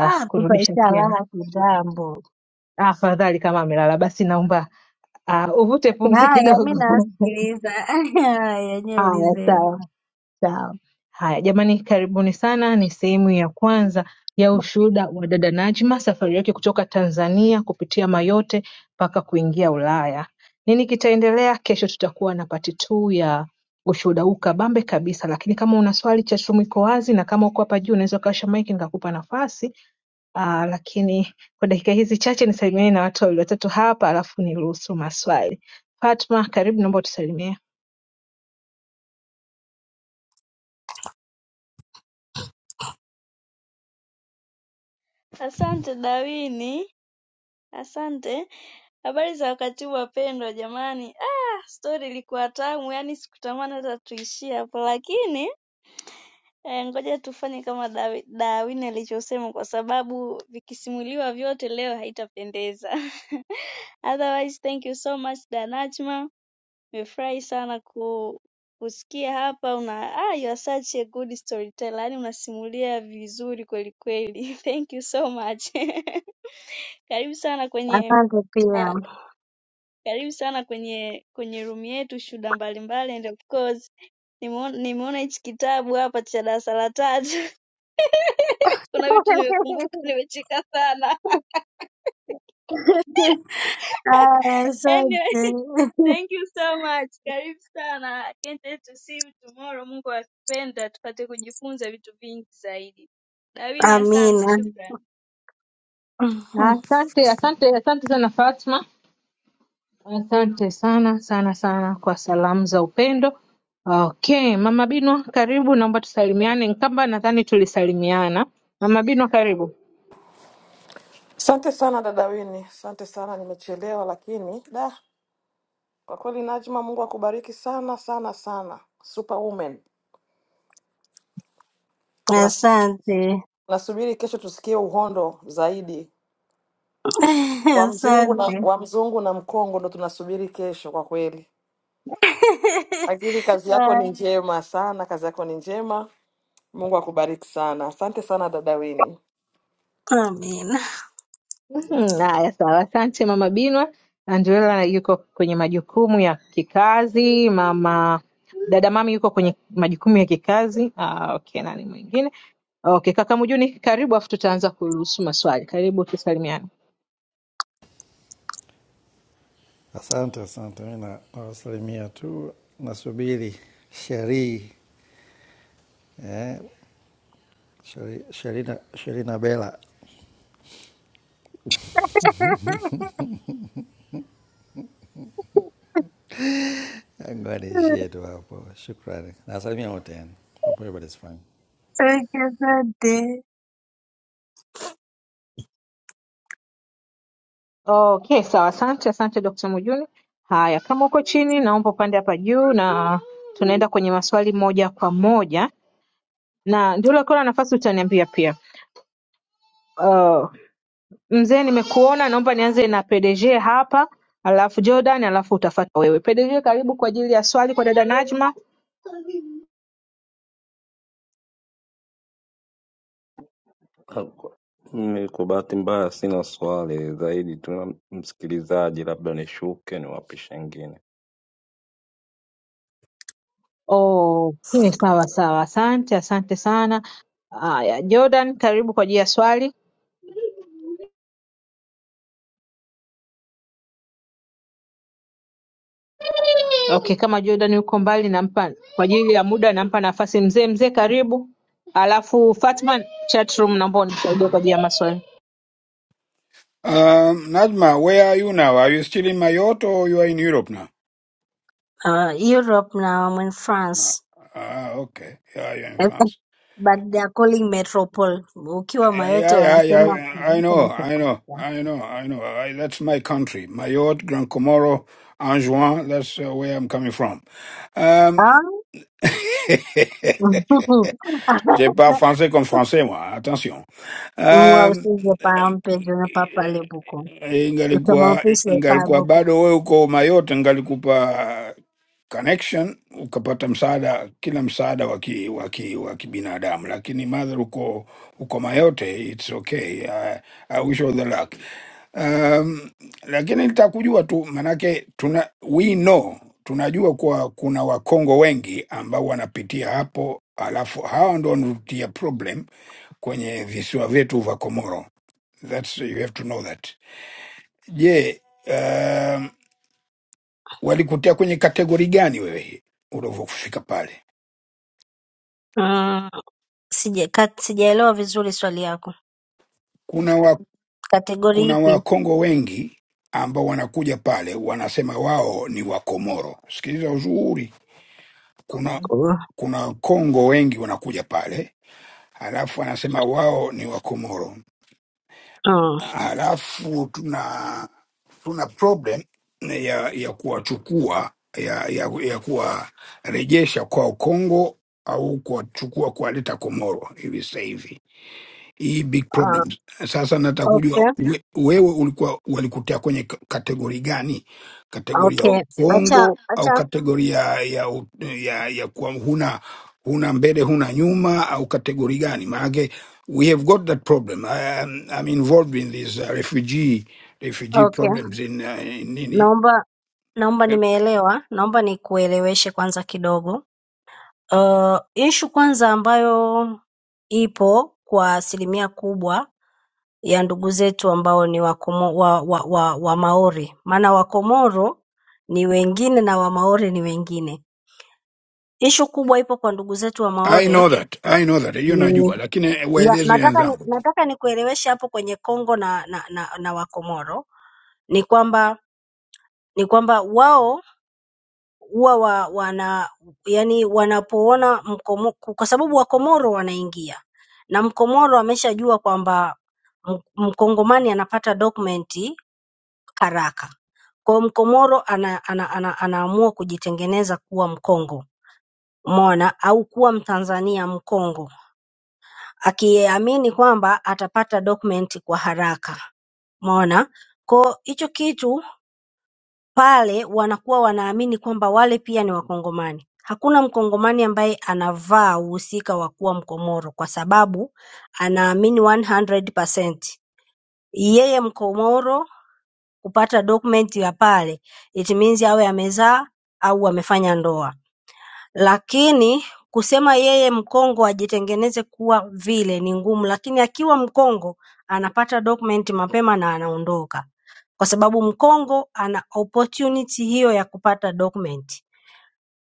S2: Ah, mtoto
S1: tena.
S2: ashalala kitambo.
S1: Ah, Afadhali kama amelala, basi naomba ah, uvute pumzi
S2: Haya, mi
S1: kidogo.
S2: nawasikiliza. Haya, nyewe
S1: Haya,
S2: ulizeni.
S1: sawa. Sawa. Haya jamani, karibuni sana. Ni sehemu ya kwanza ya ushuhuda wa dada Najma, safari yake kutoka Tanzania kupitia Mayotte mpaka kuingia Ulaya. Nini kitaendelea kesho? Tutakuwa na pati tu ya ushuhuda huu kabambe kabisa, lakini kama una swali cha chumu iko wazi, na kama uko hapa juu unaweza ukawasha maiki nikakupa nafasi. Aa, lakini kwa dakika hizi chache nisalimiane na watu wawili watatu hapa, alafu niruhusu maswali. Fatma, karibu, naomba utusalimie.
S6: asante dawini asante habari za wakati huu wapendwa jamani ah stori ilikuwa tamu yani sikutamani hata tuishie hapo lakini eh, ngoja tufanye kama Dawi- dawini alichosema kwa sababu vikisimuliwa vyote leo haitapendeza otherwise thank you so much danachma nimefurahi sana ku kusikia hapa una ah, you are such a good storyteller yani unasimulia vizuri kweli kweli thank you so much Karibu sana kwenye
S2: Asante pia.
S6: uh, karibu sana kwenye kwenye room yetu shuda mbalimbali and of course nimeona nimeona hichi kitabu hapa cha darasa la tatu. Kuna vitu nimekumbuka nimecheka sana.
S2: Haya, asante.
S6: Anyway, thank you so much. Karibu sana. Can't wait to see you tomorrow. Mungu akipenda tupate kujifunza vitu vingi zaidi. Dawini asante,
S2: Amina.
S6: shukran.
S1: Asante, asante, asante sana Fatma. Asante sana sana sana kwa salamu za upendo. Okay, Mama Binwa karibu, naomba tusalimiane. Nkamba nadhani tulisalimiana. Mama Binwa karibu.
S7: Asante sana dada Wini, asante sana, nimechelewa lakini da, kwa kweli Najma, Mungu akubariki sana sana sana, superwoman. Tunas-
S2: Asante.
S7: Tunasubiri kesho tusikie uhondo zaidi wa mzungu na
S2: Asante.
S7: wa mzungu na mkongo, ndo tunasubiri kesho kwa kweli, lakini kazi yako ni njema sana, kazi yako ni njema. Mungu akubariki sana, asante sana dada Wini.
S2: Amina.
S1: Mhm, Haya, sawa. Asante Mama Binwa. Angela yuko kwenye majukumu ya kikazi. Mama dada mami yuko kwenye majukumu ya kikazi. Ah, okay, nani mwingine? Okay, kaka Mujuni karibu, afu tutaanza kuruhusu maswali. Karibu tusalimiane.
S8: Asante, asante. Mi na- nawasalimia tu, nasubiri Sheri eh, Sheri- Sherina Sherina Bela, Ngoja
S2: Okay,
S8: niishie tu hapo. Shukrani, nawasalimia wote yani. Hope everybody's fine.
S2: Asante.
S1: Okay, sawa. Asante, asante Dr. Mujuni. Haya, kama uko chini, naomba upande hapa juu na tunaenda kwenye maswali moja kwa moja, na ndio uliokuwa na nafasi utaniambia pia. Uh, mzee, nimekuona, naomba nianze na PDG hapa, alafu Jordan, alafu utafata wewe. PDG, karibu kwa ajili ya swali kwa dada Najma.
S5: Haku- Mimi kwa bahati mbaya sina swali zaidi, tuna msikilizaji, labda nishuke niwapishe ngine.
S1: Okay, sawa sawa, asante, asante sana. Haya, Jordan, karibu kwa ajili ya swali. Okay, kama Jordan yuko mbali nampa kwa ajili ya muda nampa nafasi mzee. Mzee karibu, alafu Fatma, chat room naomba unisaidie kwa ajili ya maswali.
S9: Um, Najma, where are you now? Are you still in Mayotte or you are in Europe now?
S2: Uh, Europe na I'm in
S9: Ah,
S2: France.
S9: ah, okay. Yeah, you're in
S2: But
S9: France.
S2: they are calling metropole. Ukiwa
S9: Yeah,
S2: Mayotte
S9: yeah, yeah,
S2: wanasema
S9: yeah. I
S2: wanasema
S9: know, I know,
S2: metropole.
S9: I know, I know. I, that's my country. Mayotte, Grand Comoro, Anjouan, that's uh, where I'm coming from. Um,
S2: Hein?
S9: je parle français comme français, moi. Attention.
S2: Moi aussi,
S9: Um,
S2: je parle un peu, je n'ai pas parlé beaucoup. Kama
S9: ingalikuwa,
S2: ofisi haipa
S9: ingalikuwa
S2: beaucoup.
S9: bado wewe uko Mayotte, ingalikupa connection ukapata msaada kila msaada wa ki- wa ki- wa kibinadamu lakini madhara uko uko mayote its okay I, I wish you all the luck um, lakini nitakujua tu manake tuna we know tunajua kuwa kuna wakongo wengi ambao wanapitia hapo alafu hawa ndo wanatia problem kwenye visiwa vyetu vya komoro That's, you have to know that je um, walikutia kwenye kategori gani wewe ulivyofika pale
S2: Mm, sija- ka- Sijaelewa vizuri swali yako.
S9: kuna wa,
S2: Kategori
S9: kuna
S2: ipi?
S9: wakongo wengi ambao wanakuja pale wanasema wao ni wakomoro sikiliza uzuri kuna Mhm.
S2: Mm.
S9: kuna wakongo wengi wanakuja pale halafu wanasema wao ni wakomoro
S2: Mm.
S9: halafu tuna tuna problem ya ya kuwachukua ya, ya, ya kuwarejesha kwa Kongo au kuwachukua kuwaleta Komoro hivi sasa hivi hii big
S2: Ah,
S9: problems. Sasa nataka kujua
S2: Okay,
S9: we, wewe ulikuwa walikutia kwenye k- kategori gani? Kategori ya
S2: okay. Acha,
S9: uongo au
S2: acha.
S9: kategori ya ya, u- ya, ya kuwa huna huna mbele huna nyuma au kategori gani? Maanake we have got that problem. I, I'm, I'm involved in these uh, refugee refugee
S2: Okay.
S9: problems in, uh, in nini.
S2: Naomba naomba nimeelewa. Naomba nikueleweshe kwanza kidogo. Uh, issue kwanza ambayo ipo kwa asilimia kubwa ya ndugu zetu ambao ni Wamaori maana Wakomoro ni wengine na Wamaore ni wengine. Ishu kubwa ipo kwa ndugu zetu
S9: I
S2: Wamaore
S9: know that I know that hiyo
S2: ni
S9: najua, lakini
S2: ya,
S9: waeleze
S2: nataka ni,
S9: wenzangu.
S2: nataka nikueleweshe hapo kwenye Kongo na, na, na, na Wakomoro ni kwamba ni kwamba wao huwa wa, wana yani wanapoona mkomo, kwa sababu Wakomoro wanaingia na Mkomoro ameshajua kwamba m- Mkongomani anapata dokumenti haraka Kwa Mkomoro ana, ana, ana, anaamua kujitengeneza kuwa Mkongo umeona, au kuwa Mtanzania Mkongo akiamini kwamba atapata document kwa haraka umeona. Kwa hicho kitu pale wanakuwa wanaamini kwamba wale pia ni Wakongomani. Hakuna Mkongomani ambaye anavaa uhusika wa kuwa Mkomoro kwa sababu anaamini 100% yeye Mkomoro kupata document ya pale it means awe amezaa au amefanya ndoa. Lakini kusema yeye mkongo ajitengeneze kuwa vile ni ngumu, lakini akiwa mkongo anapata document mapema na anaondoka, kwa sababu mkongo ana opportunity hiyo ya kupata document.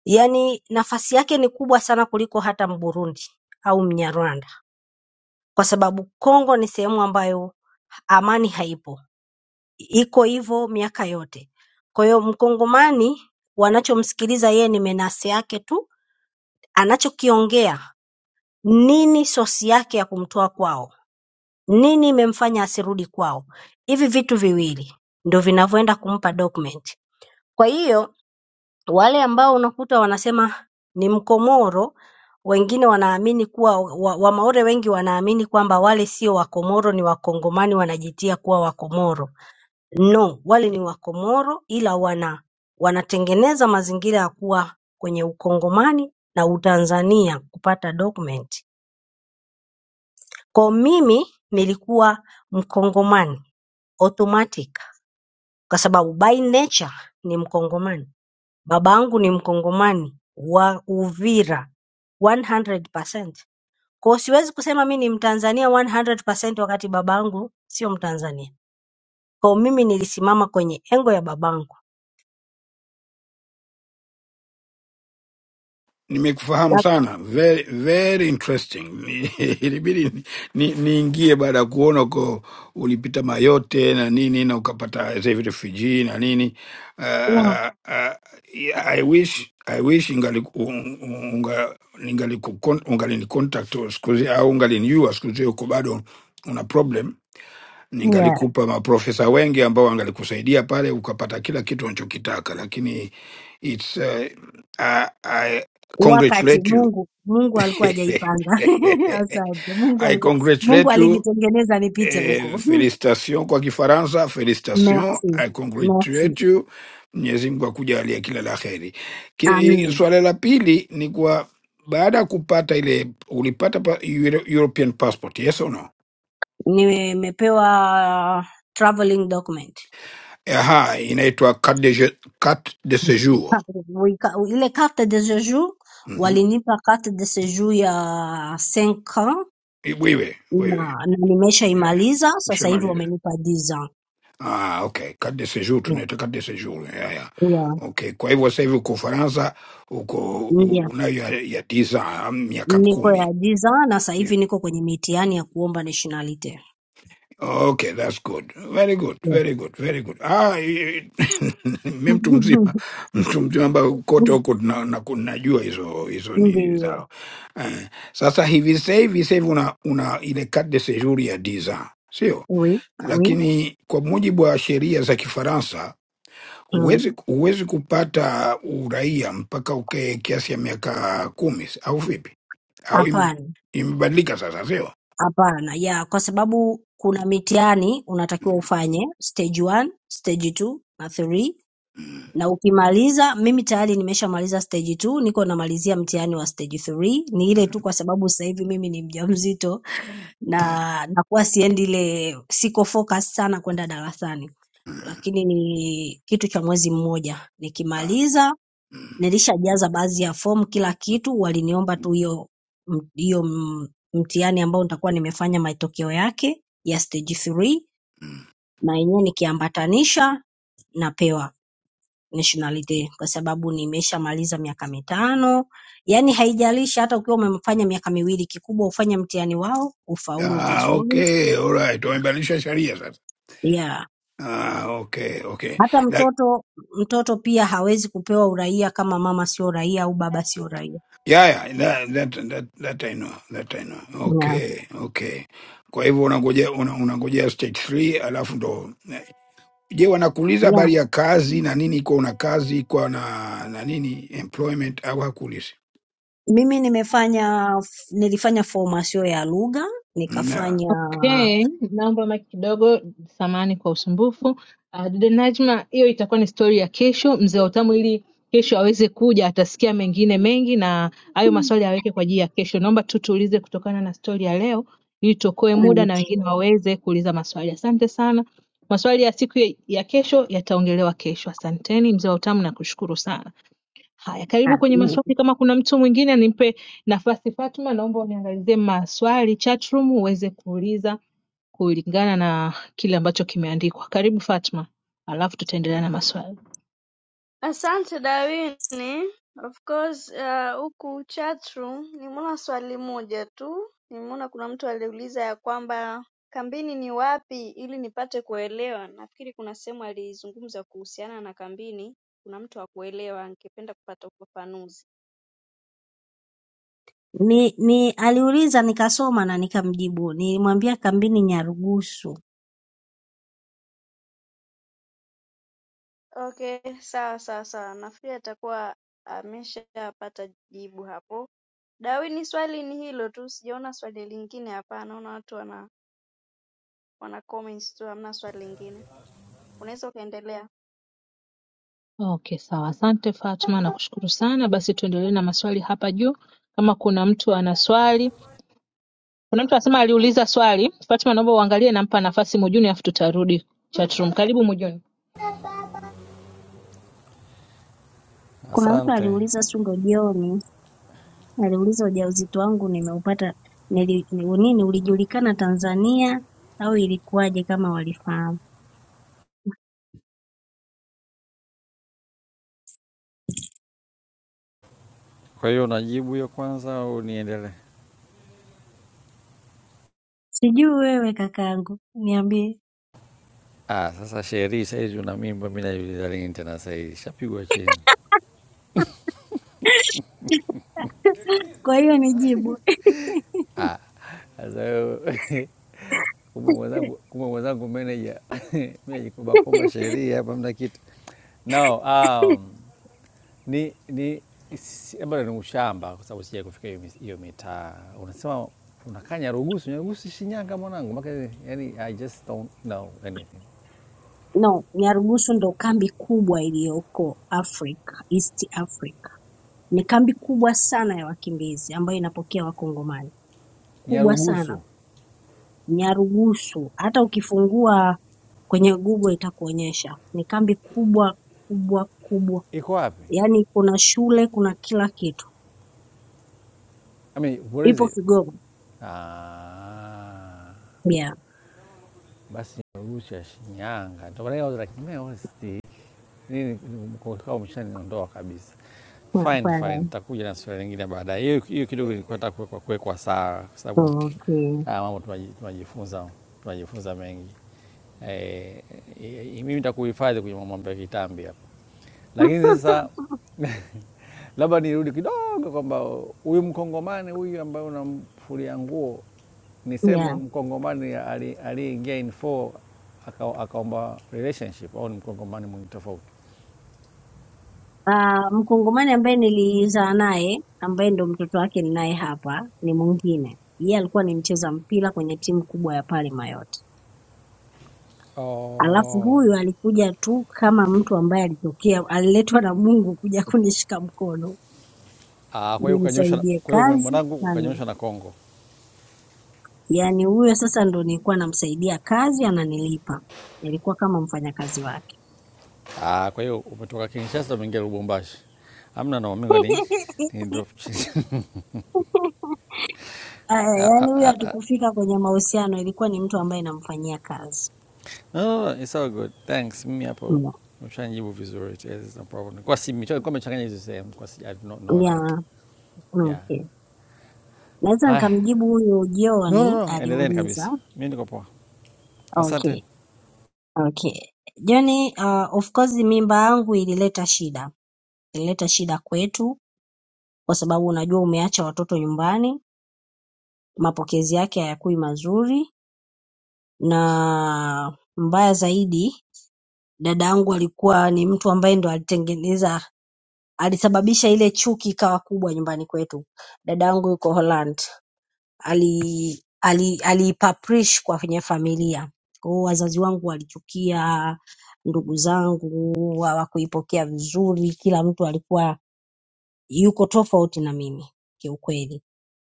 S2: Yaani nafasi yake ni kubwa sana kuliko hata Mburundi au Mnyarwanda, kwa sababu Kongo ni sehemu ambayo amani haipo. iko hivyo miaka yote. Kwa hiyo mkongomani wanachomsikiliza yeye ni menasi yake tu, anachokiongea nini, sosi yake ya kumtoa kwao, nini imemfanya asirudi kwao. Hivi vitu viwili ndo vinavyoenda kumpa document. Kwa hiyo wale ambao unakuta wanasema ni Mkomoro, wengine wanaamini kuwa wa, Wamaore wengi wanaamini kwamba wale sio Wakomoro, ni Wakongomani wanajitia kuwa Wakomoro no wale ni Wakomoro ila wana wanatengeneza mazingira ya kuwa kwenye ukongomani na utanzania kupata document ko mimi nilikuwa mkongomani automatic kwa sababu by nature ni mkongomani babangu ni mkongomani wa Uvira 100% kwa hiyo siwezi kusema mi ni mtanzania 100% wakati babangu sio mtanzania kwa hiyo mimi nilisimama kwenye engo ya babangu
S9: Nimekufahamu sana, very, very interesting. Ni- Ilibidi ni- niingie baada ya kuona uko ulipita mayote na nini na ukapata sasa hivi refugee na nini. Uh,
S2: Yeah,
S9: uh, yeah, I wish I wish ningali unga ningali ungalini contact siku hizi au ungalinijua siku hizi, uko bado una problem
S2: yeah.
S9: Ningalikupa maprofesa wengi ambao wangalikusaidia pale ukapata kila kitu unachokitaka, lakini it's, uh, I, I
S2: wakati
S9: congratulate you
S2: Mungu Mungu alikuwa hajaipanga. Asante. Mungu
S9: I
S2: alikuwa Mungu
S9: congratulate you
S2: alinitengeneza nipite
S9: eh,
S2: huko.
S9: felicitation kwa Kifaransa, felicitation
S2: Merci.
S9: I
S2: Merci.
S9: congratulate you. Mwenyezi Mungu akujalie kila la heri. Ki-
S2: Amin.
S9: Swala la pili ni kwa baada ya kupata ile ulipata pa, Euro- European passport yes or no?
S2: Nimepewa traveling document.
S9: Aha, inaitwa carte de, je- carte de séjour
S2: Wika- Ile carte de séjour
S9: Mhm.
S2: walinipa carte de séjour ya 5 ans
S9: Eh, Wewe wewe,
S2: na, na
S9: yeah,
S2: nimeshaimaliza sasa hivi
S9: ushamaliza.
S2: wamenipa 10 ans.
S9: Ah, okay, carte de séjour,
S2: Yeah.
S9: tunaita carte de séjour. Yeah, yeah.
S2: Yeah.
S9: Okay, kwa hivyo sasa hivi uko Ufaransa, uko u-
S2: Yeah.
S9: unayo ya ya tisa ah, miaka
S2: Niko ya
S9: kumi.
S2: 10 ans na sasa
S9: Yeah.
S2: hivi niko kwenye mitihani ya kuomba nationality.
S9: Okay, that's good. Very good, very good, very good. Ah, mimi mtu mzima, mtu mzima ambaye kote huko na, na, najua hizo hizo nini
S2: Ndiyo.
S9: zao. Eh, sasa hivi sasa hivi sasa hivi una, una ile carte de séjour ya 10 ans, sio?
S2: Oui, oui.
S9: lakini kwa mujibu wa sheria za Kifaransa
S2: Mm.
S9: huwezi huwezi kupata uraia mpaka ukae kiasi ya miaka kumi au vipi? Au ime-
S2: Hapana,
S9: imebadilika sasa, sio?
S2: hapana. Ya, kwa sababu kuna mitihani unatakiwa ufanye stage 1, stage 2 na 3 na ukimaliza, mimi tayari nimeshamaliza stage 2, niko namalizia mtihani wa stage 3. Ni ile tu kwa sababu sasa hivi mimi ni mjamzito
S9: Ah,
S2: na nakuwa siendi ile siko focus sana kwenda darasani. Lakini ni kitu cha mwezi mmoja.
S9: ah,
S2: Nikimaliza Nilishajaza baadhi ya fomu kila kitu, waliniomba tu hiyo m- hiyo m- mtihani ambao nitakuwa nimefanya matokeo yake ya stage 3
S9: mm.
S2: na yenyewe nikiambatanisha napewa nationality kwa sababu nimeshamaliza miaka mitano. Yaani haijalishi hata ukiwa umefanya miaka miwili, kikubwa ufanye mtihani wao ufaulu
S9: Ah,
S2: vizuri.
S9: okay, alright, wamebadilisha sheria sasa.
S2: Yeah.
S9: Ah, okay, okay.
S2: Hata
S9: Like,
S2: mtoto mtoto pia hawezi kupewa uraia kama mama sio raia au baba sio raia.
S9: yeah, yeah, that, that, that, that I know, that I know.
S2: Yeah.
S9: Okay, okay. Kwa hivyo unangojea una, unangojea stage 3 alafu ndo Je, wanakuuliza
S2: Yeah.
S9: habari ya kazi na nini? Kwa una kazi kwa na, na nini employment au hakuulizi?
S2: Mimi nimefanya nilifanya formasio ya lugha, nikafanya
S1: Okay, naomba mike kidogo, samahani kwa usumbufu. Uh, dada Najma, hiyo itakuwa ni stori ya kesho, mzee wa utamu, ili kesho aweze kuja, atasikia mengine mengi na hayo maswali aweke kwa ajili ya kesho. Naomba tu tuulize kutokana na stori ya leo, ili tuokoe muda
S2: mm,
S1: na wengine waweze kuuliza maswali. Asante sana. Maswali ya siku ya ya kesho yataongelewa kesho. Asanteni mzee wa utamu, nakushukuru sana. Haya, karibu kwenye maswali. Kama kuna mtu mwingine nimpe nafasi. Fatma, naomba uniangalizie maswali chat room uweze kuuliza kulingana na kile ambacho kimeandikwa. Karibu Fatma, alafu tutaendelea na maswali.
S6: asante darwin of course uh, huku chatroom nimeona swali moja tu nimeona kuna mtu aliuliza ya kwamba kambini ni wapi ili nipate kuelewa nafikiri kuna sehemu alizungumza kuhusiana na kambini kuna mtu akuelewa angependa kupata ufafanuzi
S2: ni, ni aliuliza nikasoma na nikamjibu. Nilimwambia kambini Nyarugusu.
S6: okay sawa sawa sawa nafikiri atakuwa ameshapata jibu hapo dawini swali ni hilo tu sijaona swali lingine hapa naona watu wana wana comments tu hamna swali lingine Unaweza ukaendelea
S1: Okay, sawa. Asante Fatma, nakushukuru sana. Basi tuendelee na maswali hapa juu. Kama kuna mtu ana swali, kuna mtu anasema aliuliza swali. Fatma, naomba uangalie, nampa nafasi Mujuni, alafu tutarudi chatroom. Karibu Mujuni.
S2: Kuna mtu
S8: Asante.
S2: aliuliza si ndo jioni, aliuliza ujauzito wangu nimeupata nili, ni- nini ulijulikana Tanzania au ilikuwaje kama walifahamu.
S8: Kwa hiyo unajibu hiyo kwanza au niendelee?
S2: Sijui wewe kakangu, niambie.
S8: Ah, sasa Sheri saizi una mimba, mi najiuliza lini tena saizi, shapigwa chini.
S2: Kwa hiyo nijibu.
S8: Ah, sasa wewe- kumbe mwenzangu kumbe mwenzangu meneja mi najikobakoba sheria hapa mna kitu no um, Ni, ni si- bado ni ushamba kwa sababu sija kufika hiyo mi- hiyo mitaa. Unasema unakaa Nyarugusu, Nyarugusu si Shinyanga mwanangu. Maka, yani, I just don't know anything.
S2: No, Nyarugusu ndo kambi kubwa iliyoko Afrika, East Africa. Ni kambi kubwa sana ya wakimbizi ambayo inapokea Wakongomani, kubwa sana
S8: Nyarugusu
S2: Nyarugusu. Hata ukifungua kwenye Google itakuonyesha ni kambi kubwa kubwa kubwa,
S8: iko wapi?
S2: yaani kuna shule, kuna kila kitu,
S8: I mean, where is
S2: ipo
S8: it?
S2: Kigoma.
S8: Ah,
S2: Yeah.
S8: basi Nyarugusu ya Shinyanga. Ndio maana I was like, man, what is this? nini umeshaniondoa kabisa. Fine, fine,
S2: Yeah.
S8: takuja na swali lingine baadaye. Hiyo hiyo kidogo ilikuwa nataka kuwekwa kuwekwa sawa, kwa sababu
S2: Okay.
S8: haya mambo tunaji- tunajifunza tunajifunza mengi. Eh, eh, mimi nitakuhifadhi kwenye mambo ya kitambi hapa. Lakini sasa labda nirudi kidogo kwamba huyu mkongomani huyu ambaye unamfulia nguo,
S2: Yeah.
S8: niseme mkongomani ali- aliyeingia in four aka- akaomba relationship au ni mkongomani mwingine tofauti?
S2: Ah, Mkongomani ambaye nilizaa naye ambaye ndo mtoto wake ninaye hapa ni mwingine. Yeye alikuwa ni mcheza mpira kwenye timu kubwa ya pale Mayotte. Alafu
S8: Oh.
S2: huyu alikuja tu kama mtu ambaye alitokea, aliletwa na Mungu kuja kunishika mkono
S8: Ah, kwa hiyo ukanyoshwa na-
S2: nimsaidie
S8: kwa hiyo
S2: kazi
S8: mwanangu
S2: na ni
S8: ukanyoshwa na Kongo.
S2: yaani, huyo sasa ndo nilikuwa namsaidia kazi ananilipa, nilikuwa kama mfanyakazi wake.
S8: Ah, kwa hiyo umetoka Kinshasa umeingia Lubumbashi. Amna na mimi ni ni drop chini.
S2: Aya, yaani huyo hatukufika kwenye mahusiano, ilikuwa ni mtu ambaye namfanyia kazi.
S8: No, no, it's all good. Thanks. Mimi hapo
S2: Mm.
S8: mshanjibu vizuri. It is no problem. Kwa si mimi kwa mchanganya hizo sehemu. Kwa si I do not know
S2: Yeah.
S8: like. Yeah.
S2: Okay. Naweza
S8: Haya.
S2: nikamjibu huyu
S8: No, no,
S2: John
S8: no. Endeleeni kabisa.
S2: aliuliza.
S8: Mimi niko poa.
S2: Okay,
S8: Asanteni.
S2: okay. John, uh, of course mimba yangu ilileta shida. Ilileta shida kwetu kwa sababu unajua umeacha watoto nyumbani, mapokezi yake hayakui mazuri na mbaya zaidi dada yangu alikuwa ni mtu ambaye ndo alitengeneza alisababisha ile chuki ikawa kubwa nyumbani kwetu. Dada yangu yuko Holland. ali- ali- aliipaprish kwenye familia. Kwa hiyo wazazi wangu walichukia, ndugu zangu hawakuipokea vizuri, kila mtu alikuwa yuko tofauti na mimi kiukweli.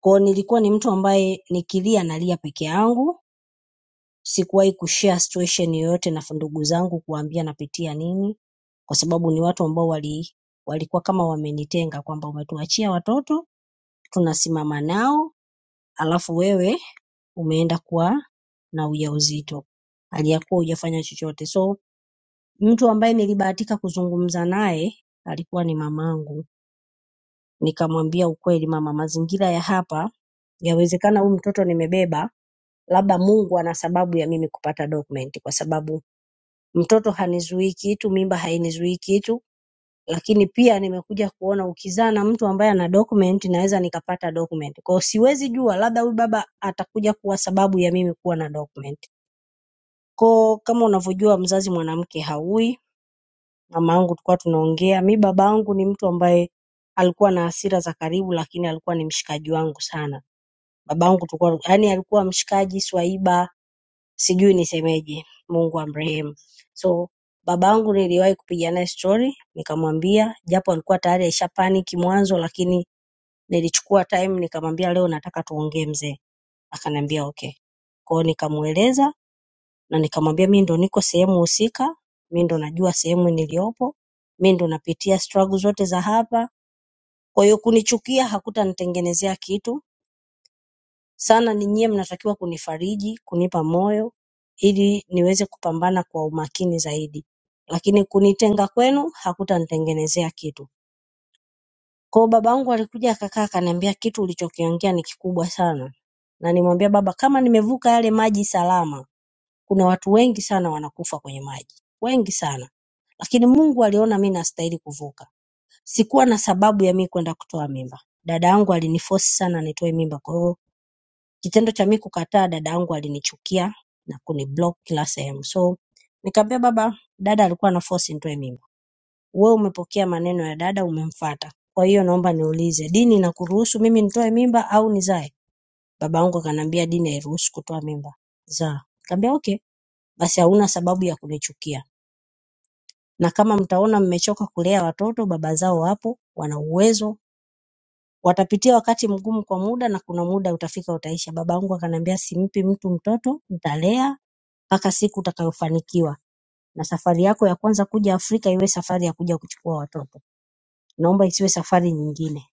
S2: Kwa hiyo nilikuwa ni mtu ambaye nikilia nalia peke yangu, sikuwahi kushare situation yoyote na ndugu zangu kuwaambia napitia nini, kwa sababu ni watu ambao wali walikuwa kama wamenitenga kwamba umetuachia watoto tunasimama nao alafu wewe umeenda kuwa na ujauzito hali ya kuwa hujafanya chochote. So mtu ambaye nilibahatika kuzungumza naye alikuwa ni mamangu, nikamwambia ukweli, mama, mazingira ya hapa yawezekana huyu mtoto nimebeba, labda Mungu ana sababu ya mimi kupata document, kwa sababu mtoto hanizuii kitu, mimba hainizuii kitu, lakini pia nimekuja kuona ukizaa na mtu ambaye ana document naweza nikapata document. Kwa hiyo siwezi jua, labda huyu baba atakuja kuwa sababu ya mimi kuwa na document. Kwa Kama unavyojua mzazi mwanamke haui, mamangu tulikuwa tunaongea. Mi babangu ni mtu ambaye alikuwa na hasira za karibu lakini alikuwa ni mshikaji wangu sana. Babangu tulikuwa yaani alikuwa mshikaji, swaiba, sijui nisemeje. Mungu amrehemu. So babangu niliwahi kupiga naye stori nikamwambia japo alikuwa tayari aisha panic mwanzo lakini nilichukua time nikamwambia leo nataka tuongee mzee. Akaniambia okay. Kwa hiyo nikamueleza na nikamwambia mi ndo niko sehemu husika, mi ndo najua sehemu niliyopo, mi ndo napitia struggle zote za hapa. Kwa hiyo kunichukia hakutanitengenezea kitu sana, ni nyie mnatakiwa kunifariji, kunipa moyo ili niweze kupambana kwa umakini zaidi, lakini kunitenga kwenu hakutanitengenezea kitu. Kwa hiyo babangu alikuja akakaa akaniambia, kitu ulichokiongea ni kikubwa sana, na nimwambia baba, kama nimevuka yale maji salama kuna watu wengi sana wanakufa kwenye maji, wengi sana lakini Mungu aliona mi nastahili kuvuka. Sikuwa na sababu ya mi kwenda kutoa mimba. Dada yangu alinifosi sana nitoe mimba, kwa hiyo kitendo cha mi kukataa, dada yangu alinichukia na kuniblock kila sehemu. So nikamwambia baba, dada alikuwa anafosi nitoe mimba, wewe umepokea maneno ya dada, umemfuata. Kwa hiyo naomba niulize, dini inakuruhusu mimi nitoe mimba au nizae? Baba yangu akaniambia dini hairuhusu kutoa mimba, zaa. Nikamwambia okay basi hauna sababu ya kunichukia. Na kama mtaona mmechoka kulea watoto, baba zao wapo, wana uwezo, watapitia wakati mgumu kwa muda, na kuna muda utafika utaisha. Babangu akaniambia, simpi mtu mtoto, nitalea mpaka siku utakayofanikiwa, na safari yako ya kwanza kuja Afrika iwe safari ya kuja kuchukua watoto, naomba isiwe safari nyingine.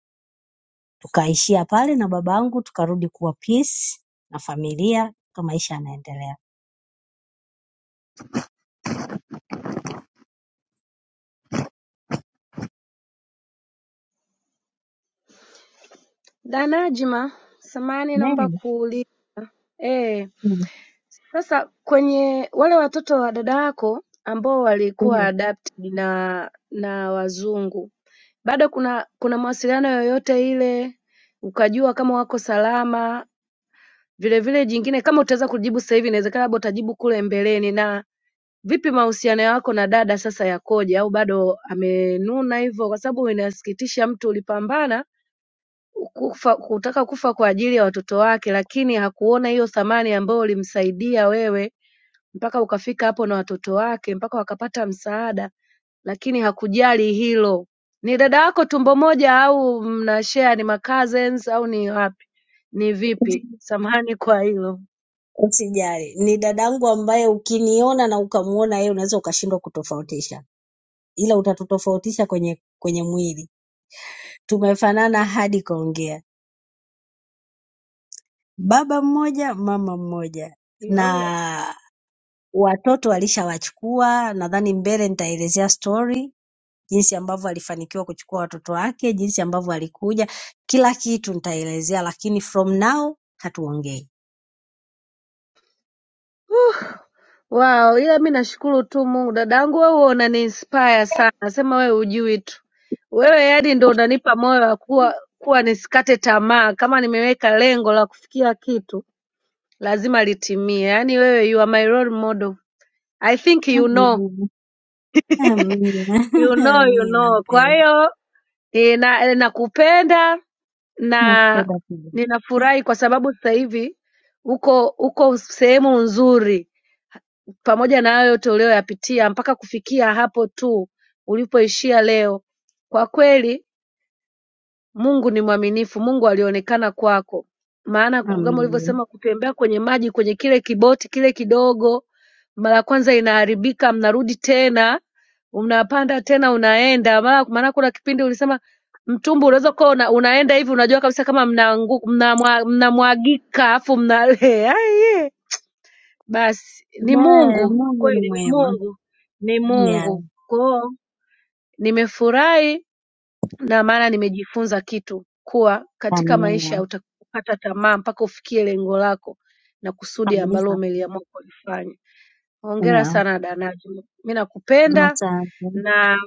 S2: Tukaishia pale na babangu, tukarudi kuwa peace na familia, tuka maisha yanaendelea.
S3: Najma samahani naomba
S2: Mary,
S3: kuuliza eh sasa kwenye wale watoto wa dada yako ambao walikuwa adopted na na wazungu bado kuna kuna mawasiliano yoyote ile ukajua kama wako salama vile vile jingine kama utaweza kujibu sasa hivi inawezekana labda utajibu kule mbeleni na vipi mahusiano yako na dada sasa yakoje au bado amenuna hivyo kwa sababu inasikitisha mtu ulipambana kufa, kutaka kufa kwa ajili ya watoto wake lakini hakuona hiyo thamani ambayo ilimsaidia wewe mpaka ukafika hapo na watoto wake mpaka wakapata msaada lakini hakujali hilo ni dada yako tumbo moja au mna share ni ma cousins au ni wapi ni vipi samahani kwa hilo
S2: Usijali, ni dadangu ambaye ukiniona na ukamuona yeye unaweza ukashindwa kutofautisha, ila utatutofautisha kwenye kwenye mwili. Tumefanana hadi kuongea, baba mmoja, mama mmoja,
S3: Yo.
S2: na watoto alishawachukua. Nadhani mbele nitaelezea story jinsi ambavyo alifanikiwa kuchukua watoto wake, jinsi ambavyo alikuja, kila kitu nitaelezea, lakini from now hatuongei.
S3: wao ila mi nashukuru tu Mungu dadangu wewe unaniinspire sana nasema wewe hujui tu wewe yani ndo unanipa moyo wa kuwa kuwa nisikate tamaa kama nimeweka lengo la kufikia kitu lazima litimie yani wewe you are my role model I think you know
S2: Amina,
S3: you know you
S2: amina
S3: know kwa
S2: mpenzi,
S3: hiyo eh, na- eh, nakupenda na
S2: nakupenda pia.
S3: ninafurahi kwa sababu sasa hivi uko uko sehemu nzuri Pamoja na hayo yote uliyoyapitia mpaka kufikia hapo tu ulipoishia leo, kwa kweli Mungu ni mwaminifu. Mungu alionekana kwako, maana ku- kama
S2: Amina.
S3: ulivyosema, kutembea kwenye maji, kwenye kile kiboti kile kidogo, mara ya kwanza inaharibika, mnarudi tena, unapanda tena, unaenda mara. Maana kuna kipindi ulisema mtumbu unaweza kuwa una, unaenda hivi, unajua kabisa kama mnamwagika mna, mna, mna, mna, mna, mna, mna, mna, mna, mna, basi ni
S2: Naye
S3: Mungu
S2: Mungu ni
S3: kweli, ni
S2: mwema.
S3: Mungu, ni
S2: Yeah.
S3: Mungu. Kwa hiyo nimefurahi na maana nimejifunza kitu kuwa katika
S2: Amina
S3: maisha utakata tamaa mpaka ufikie lengo lako na kusudi ambalo
S2: kabisa.
S3: umeliamua kulifanya. Hongera
S2: Yeah.
S3: sana Danacho, mi nakupenda
S2: Asante.
S3: na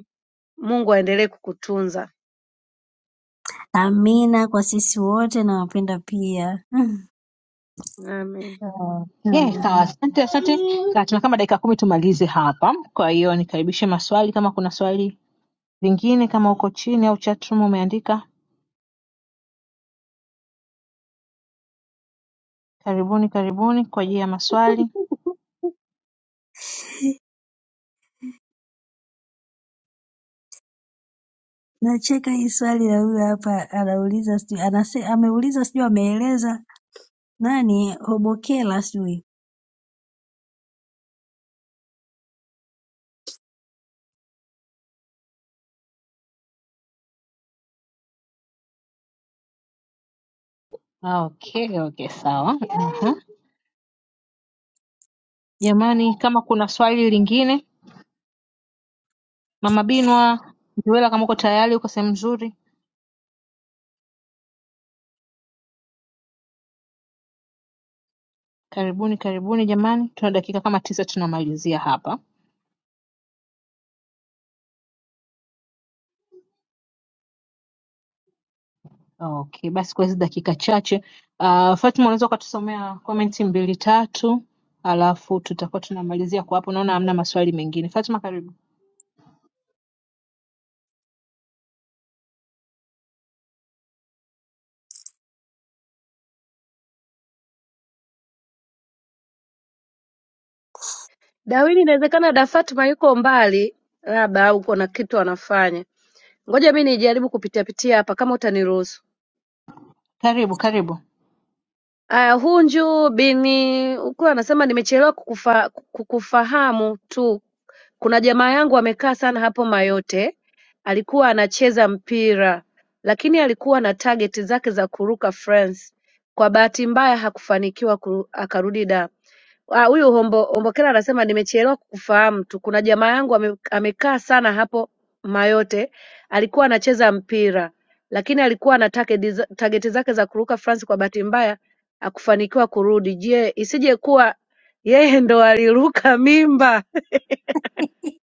S3: Mungu aendelee kukutunza
S2: Amina kwa sisi wote nawapenda pia.
S3: amen.
S1: Okay, sawa.
S2: Amina.
S1: Asante, asante. Ka- Tuna kama dakika kumi tumalize hapa, kwa hiyo nikaribishe maswali kama kuna swali lingine, kama uko chini au chatroom umeandika. Karibuni, karibuni kwa ajili ya maswali.
S2: Nacheka hii swali la huyu hapa anauliza sijui anase, ameuliza sijui ameeleza nani Hobokela sijui
S1: Ah, Okay, okay, sawa. Aha. Jamani, kama kuna swali lingine, Mama Binwa, Nduwela, kama uko tayari, uko sehemu nzuri, karibuni karibuni jamani, tuna dakika kama tisa tunamalizia hapa. Okay, basi kwa hizi dakika chache uh, Fatima, unaweza ukatusomea komenti mbili tatu, alafu tutakuwa tunamalizia kwa hapo. Naona hamna maswali mengine. Fatima, karibu
S3: Dawini, inawezekana da Fatma yuko mbali, labda au kuna kitu anafanya. Ngoja mi nijaribu kupitia pitia hapa kama utaniruhusu.
S1: karibu karibu.
S3: Aya, Hunju bin anasema nimechelewa kukufa, kukufahamu tu kuna jamaa yangu amekaa sana hapo Mayotte alikuwa anacheza mpira lakini alikuwa na target zake za kuruka France kwa bahati mbaya hakufanikiwa kuru, akarudi Dar Ah, Huyu Hombo Hombokela anasema nimechelewa kukufahamu tu. Kuna jamaa yangu ame, amekaa sana hapo Mayote, alikuwa anacheza mpira lakini alikuwa na target za- target zake za kuruka France, kwa bahati mbaya hakufanikiwa kurudi. Je, isije kuwa yeye ndo aliruka mimba?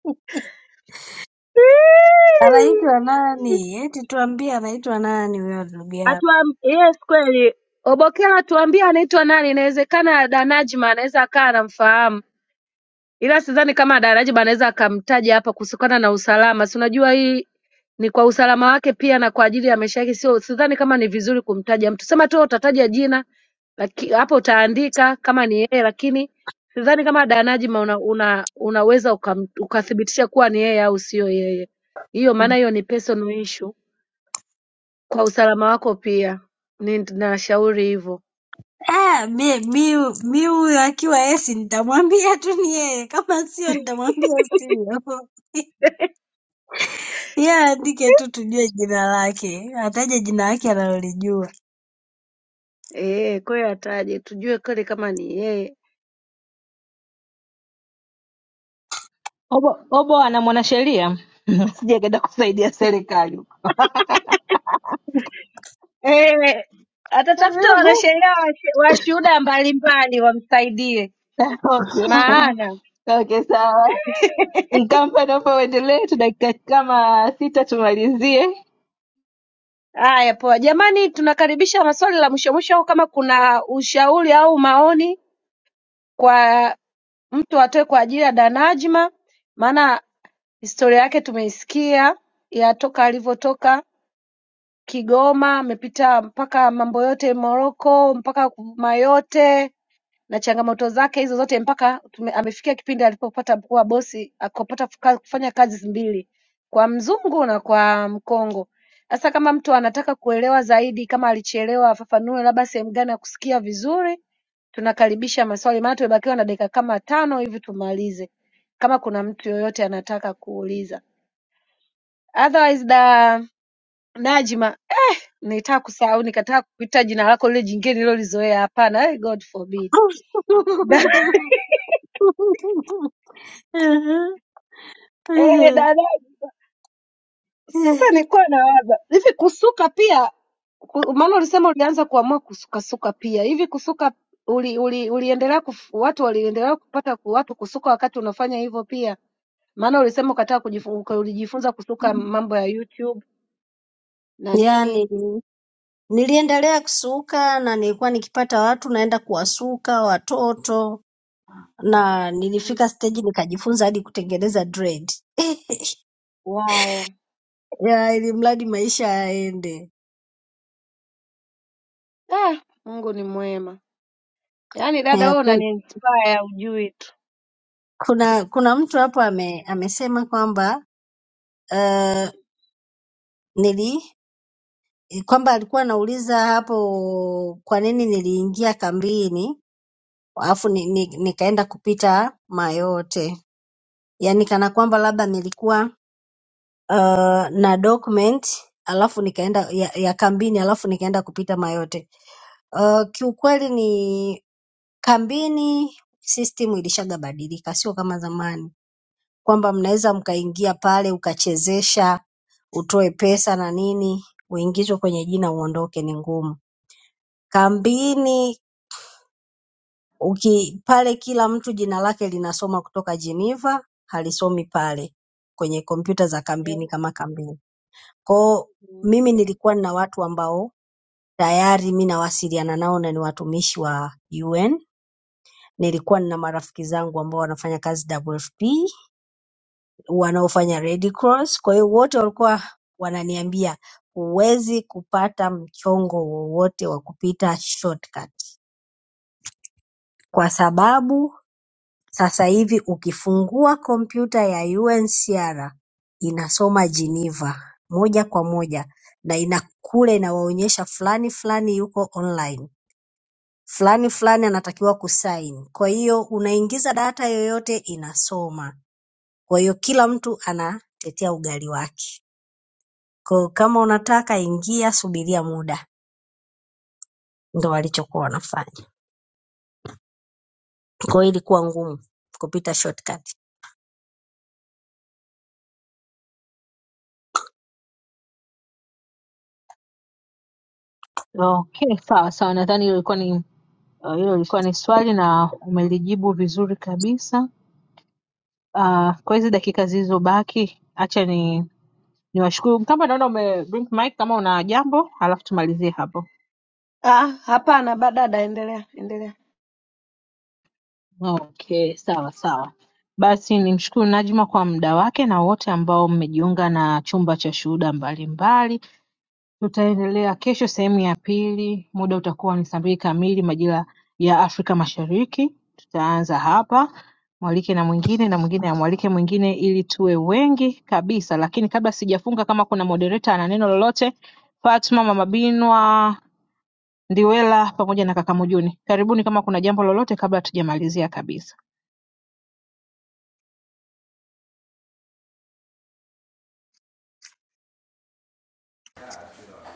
S2: anaitwa nani? Eti tuambie anaitwa nani huyo ndugu yako?
S3: Atuam, yes kweli. Obokela, tuambie anaitwa nani? Inawezekana Danajma anaweza akawa anamfahamu. Ila sidhani kama Daraja anaweza akamtaja hapa kusikana na usalama. Si unajua hii ni kwa usalama wake pia na kwa ajili ya maisha yake, sio sidhani kama ni vizuri kumtaja mtu. Sema tu utataja jina laki, hapo utaandika kama ni yeye, lakini sidhani kama Danajima una, una, unaweza ukam- ukathibitisha kuwa ni yeye au sio yeye. Hiyo maana hiyo ni personal issue kwa usalama wako pia. Ni- Nashauri hivyo.
S2: Ah, mi mi mi huyo akiwa esi nitamwambia tu ni yeye, kama sio nitamwambia sio. Yeye aandike tu tujue jina lake, ataje jina lake analolijua.
S3: Eh, kwa hiyo ataje tujue kweli kama ni yeye
S1: Obo, Obo ana mwanasheria sijakaenda kusaidia serikali.
S3: Eh, atatafuta wanasheria washu- washuhuda mbalimbali wamsaidie,
S1: okay.
S3: maana
S1: Okay, sawa. Nkampa, naomba uendelee, tuna dakika kama sita tumalizie.
S3: haya. Poa jamani, tunakaribisha maswali la mwisho mwisho, au kama kuna ushauri au maoni kwa mtu atoe kwa ajili ya Danajma, maana historia yake tumeisikia ya toka alivyotoka Kigoma, amepita mpaka mambo yote Moroko, mpaka Mayote na changamoto zake hizo zote mpaka tume- amefikia kipindi alipopata kuwa bosi akapata fuka- kufanya kazi mbili kwa mzungu na kwa mkongo. Sasa kama mtu anataka kuelewa zaidi, kama alichelewa afafanue labda sehemu gani ya kusikia vizuri, tunakaribisha maswali, maana tumebakiwa na dakika kama tano hivi tumalize, kama kuna mtu yoyote anataka kuuliza. Otherwise da Najma, nitaka kusahau nikataka kukuita jina lako lile jingine nililolizoea. Hapana, eh, God forbid. Da, eh, da Sasa nilikuwa nawaza hivi kusuka pia ku- maana ulisema ulianza kuamua kusukasuka pia hivi kusuka uli, uli, uliendelea kuf, watu waliendelea kupata ku- watu kusuka wakati unafanya hivyo pia maana ulisema ukataka kujifu- uka- ulijifunza kusuka mambo ya YouTube na nini
S2: Yaani niliendelea kusuka na nilikuwa nikipata watu naenda kuwasuka watoto na
S3: mm.
S2: nilifika stage nikajifunza hadi kutengeneza dread.
S3: wow
S2: Ya, ili mradi maisha yaende.
S3: ah, Mungu ni mwema yaani dada
S2: Ya,
S3: wewe
S2: ku-
S3: unaniinspire ujui tu
S2: kuna kuna mtu hapo ame, amesema kwamba uh, nili Eh, kwamba alikuwa anauliza hapo kwa nini niliingia kambini alafu ni, ni, nikaenda kupita Mayotte, yaani kana kwamba labda nilikuwa uh, na document alafu nikaenda ya, ya kambini alafu nikaenda kupita Mayotte. Uh, kiukweli ni kambini system ilishagabadilika, sio kama zamani kwamba mnaweza mkaingia pale ukachezesha utoe pesa na nini uingizwe kwenye jina uondoke, ni ngumu. Kambini uki pale kila mtu jina lake linasoma kutoka Geneva halisomi pale kwenye kompyuta za
S3: yeah.
S2: kambini kama kambini. Kwao
S3: Mm.
S2: mimi nilikuwa na watu ambao tayari mimi nawasiliana nao na ni watumishi wa UN. Nilikuwa na marafiki zangu ambao wanafanya kazi WFP, wanaofanya Red Cross. Kwa hiyo wote walikuwa wananiambia huwezi kupata mchongo wowote wa kupita shortcut kwa sababu sasa hivi ukifungua kompyuta ya UNHCR inasoma Geneva moja kwa moja na ina kule inawaonyesha fulani fulani yuko online, fulani fulani anatakiwa kusign. Kwa hiyo unaingiza data yoyote inasoma. Kwa hiyo kila mtu anatetea ugali wake. Kwa hiyo kama unataka ingia, subiria muda, ndo walichokuwa wanafanya. Kwa hiyo ilikuwa ngumu kupita shortcut.
S1: Okay, sawa sawa, nadhani hilo ilikuwa ni uh, hilo ilikuwa ni swali na umelijibu vizuri kabisa. Uh, kwa hizi dakika zilizobaki, acha ni niwashukuru kama naona ume blink mic kama una jambo, alafu tumalizie hapo.
S3: ah hapana ba dada endelea endelea
S1: Okay, sawa sawa. Basi nimshukuru Najma kwa muda wake na wote ambao mmejiunga na chumba cha shuhuda mbalimbali. tutaendelea kesho sehemu ya pili muda utakuwa ni saa mbili kamili majira ya afrika mashariki tutaanza hapa mwalike na mwingine na mwingine amwalike mwingine ili tuwe wengi kabisa lakini kabla sijafunga kama kuna moderator ana neno lolote fatma mama binwa ndiwela pamoja na kaka mujuni karibuni kama kuna jambo lolote kabla hatujamalizia kabisa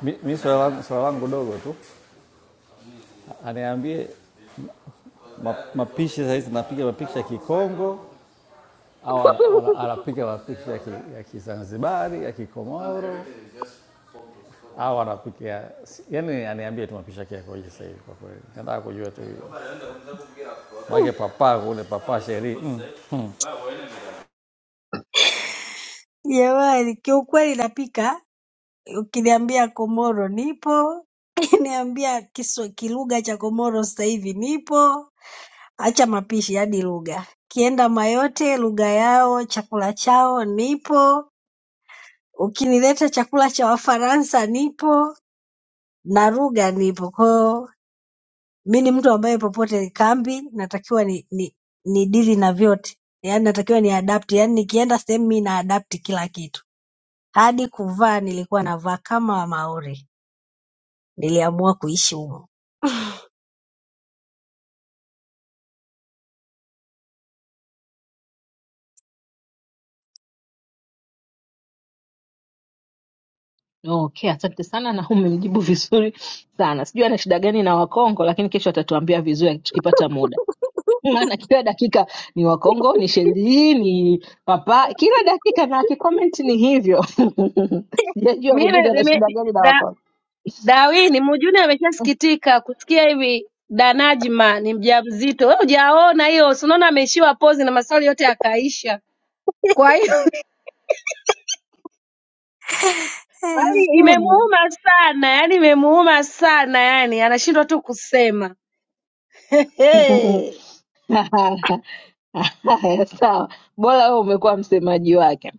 S8: Mi mi swala langu swala langu dogo tu. Aniambie ma, mapishi sasa hizi napiga mapishi ya Kikongo au ana- ana- anapiga mapishi ya ki- ya Kizanzibari, ya Kikomoro au anapiga ya- yani, aniambie tu mapishi yake yakoje sasa hivi kwa kweli. Nataka kujua tu hiyo. Mwake papa ule papa sheri. Mm.
S2: Jamani, kiukweli napika Ukiniambia Komoro nipo, ukiniambia kiswa kilugha cha Komoro sasa hivi nipo. Acha mapishi, hadi lugha. Kienda Mayote, lugha yao, chakula chao nipo. Ukinileta chakula cha Wafaransa nipo na lugha nipo. Kwa hiyo mi ni mtu ambaye popote kambi natakiwa ni, ni, ni dili na vyote, yaani natakiwa ni adapt, yaani nikienda sehemu mi na adapt kila kitu, hadi kuvaa nilikuwa navaa kama Wamaori, niliamua kuishi humo.
S1: okay asante sana na umemjibu vizuri sana sijui ana shida gani na wakongo lakini kesho atatuambia vizuri tukipata muda maana kila dakika ni Wakongo, ni Shelii, ni Papa, kila dakika na akikomenti ni hivyo. Sijajua Bujuni ana shida
S3: mimi
S1: gani na Wakongo.
S3: Darwin Mjuni ameshasikitika kusikia hivi da Najma ni mjamzito. Wewe hujaona hiyo, si unaona ameishiwa pozi na maswali yote yakaisha. Kwa hiyo yani, imemuuma sana yani, imemuuma sana yani, anashindwa tu kusema. Hey.
S1: Haya, sawa, bora wewe umekuwa msemaji wake.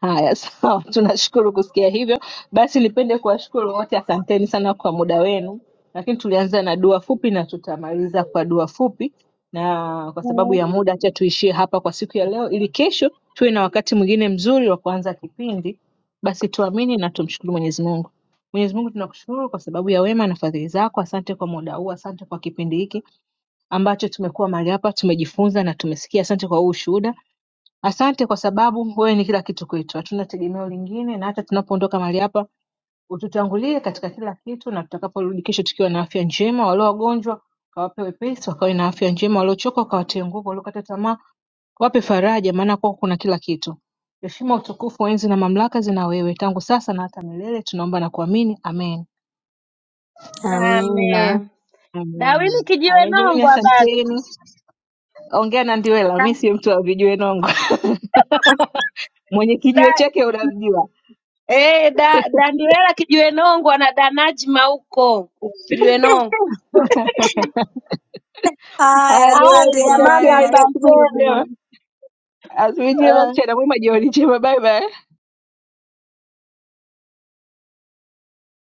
S1: Haya, sawa, tunashukuru kusikia hivyo. Basi nipende kuwashukuru wote, asanteni sana kwa muda wenu, lakini tulianza na dua fupi na tutamaliza kwa dua fupi, na kwa sababu ya muda, acha tuishie hapa kwa siku ya leo, ili kesho tuwe na wakati mwingine mzuri wa kuanza kipindi. Basi tuamini na tumshukuru Mwenyezi Mungu. Mwenyezi Mungu tunakushukuru kwa sababu ya wema na fadhili zako. Asante kwa muda huu, asante kwa kipindi hiki ambacho tumekuwa mahali hapa, tumejifunza na tumesikia. Asante kwa huu ushuhuda, asante kwa sababu wewe ni kila kitu kwetu, hatuna tegemeo lingine, na hata tunapoondoka mahali hapa ututangulie katika kila kitu, na tutakaporudi kesho tukiwa na afya njema. Walio wagonjwa kawape wepesi, wakawe na afya njema, waliochoka wakawatie nguvu, waliokata tamaa wape faraja, maana kwako kuna kila kitu. Heshima, utukufu, enzi na mamlaka zina wewe, tangu sasa na hata milele. Tunaomba na kuamini, amen.
S2: Amina.
S3: Amen.
S1: Amen.
S3: Dawini kijiwe
S1: Amen. Jamani,
S3: nongwa ba
S1: asanteni. Ongea na Ndiwela, mi si mtu wa vijiwe nongo. mwenye
S3: da,
S1: kijiwe chake unamjua.
S3: eh, da, Dandiwela kijiwe nongwa na Danajma huko kijiwe nongwa.
S2: Haya,
S1: Haya
S3: Aya
S2: asante
S1: jamani,
S3: jamani,
S2: jamani,
S1: asanteni, asubuhi
S3: asanteni.
S2: nashukuru.
S1: njema, asubuhi njema.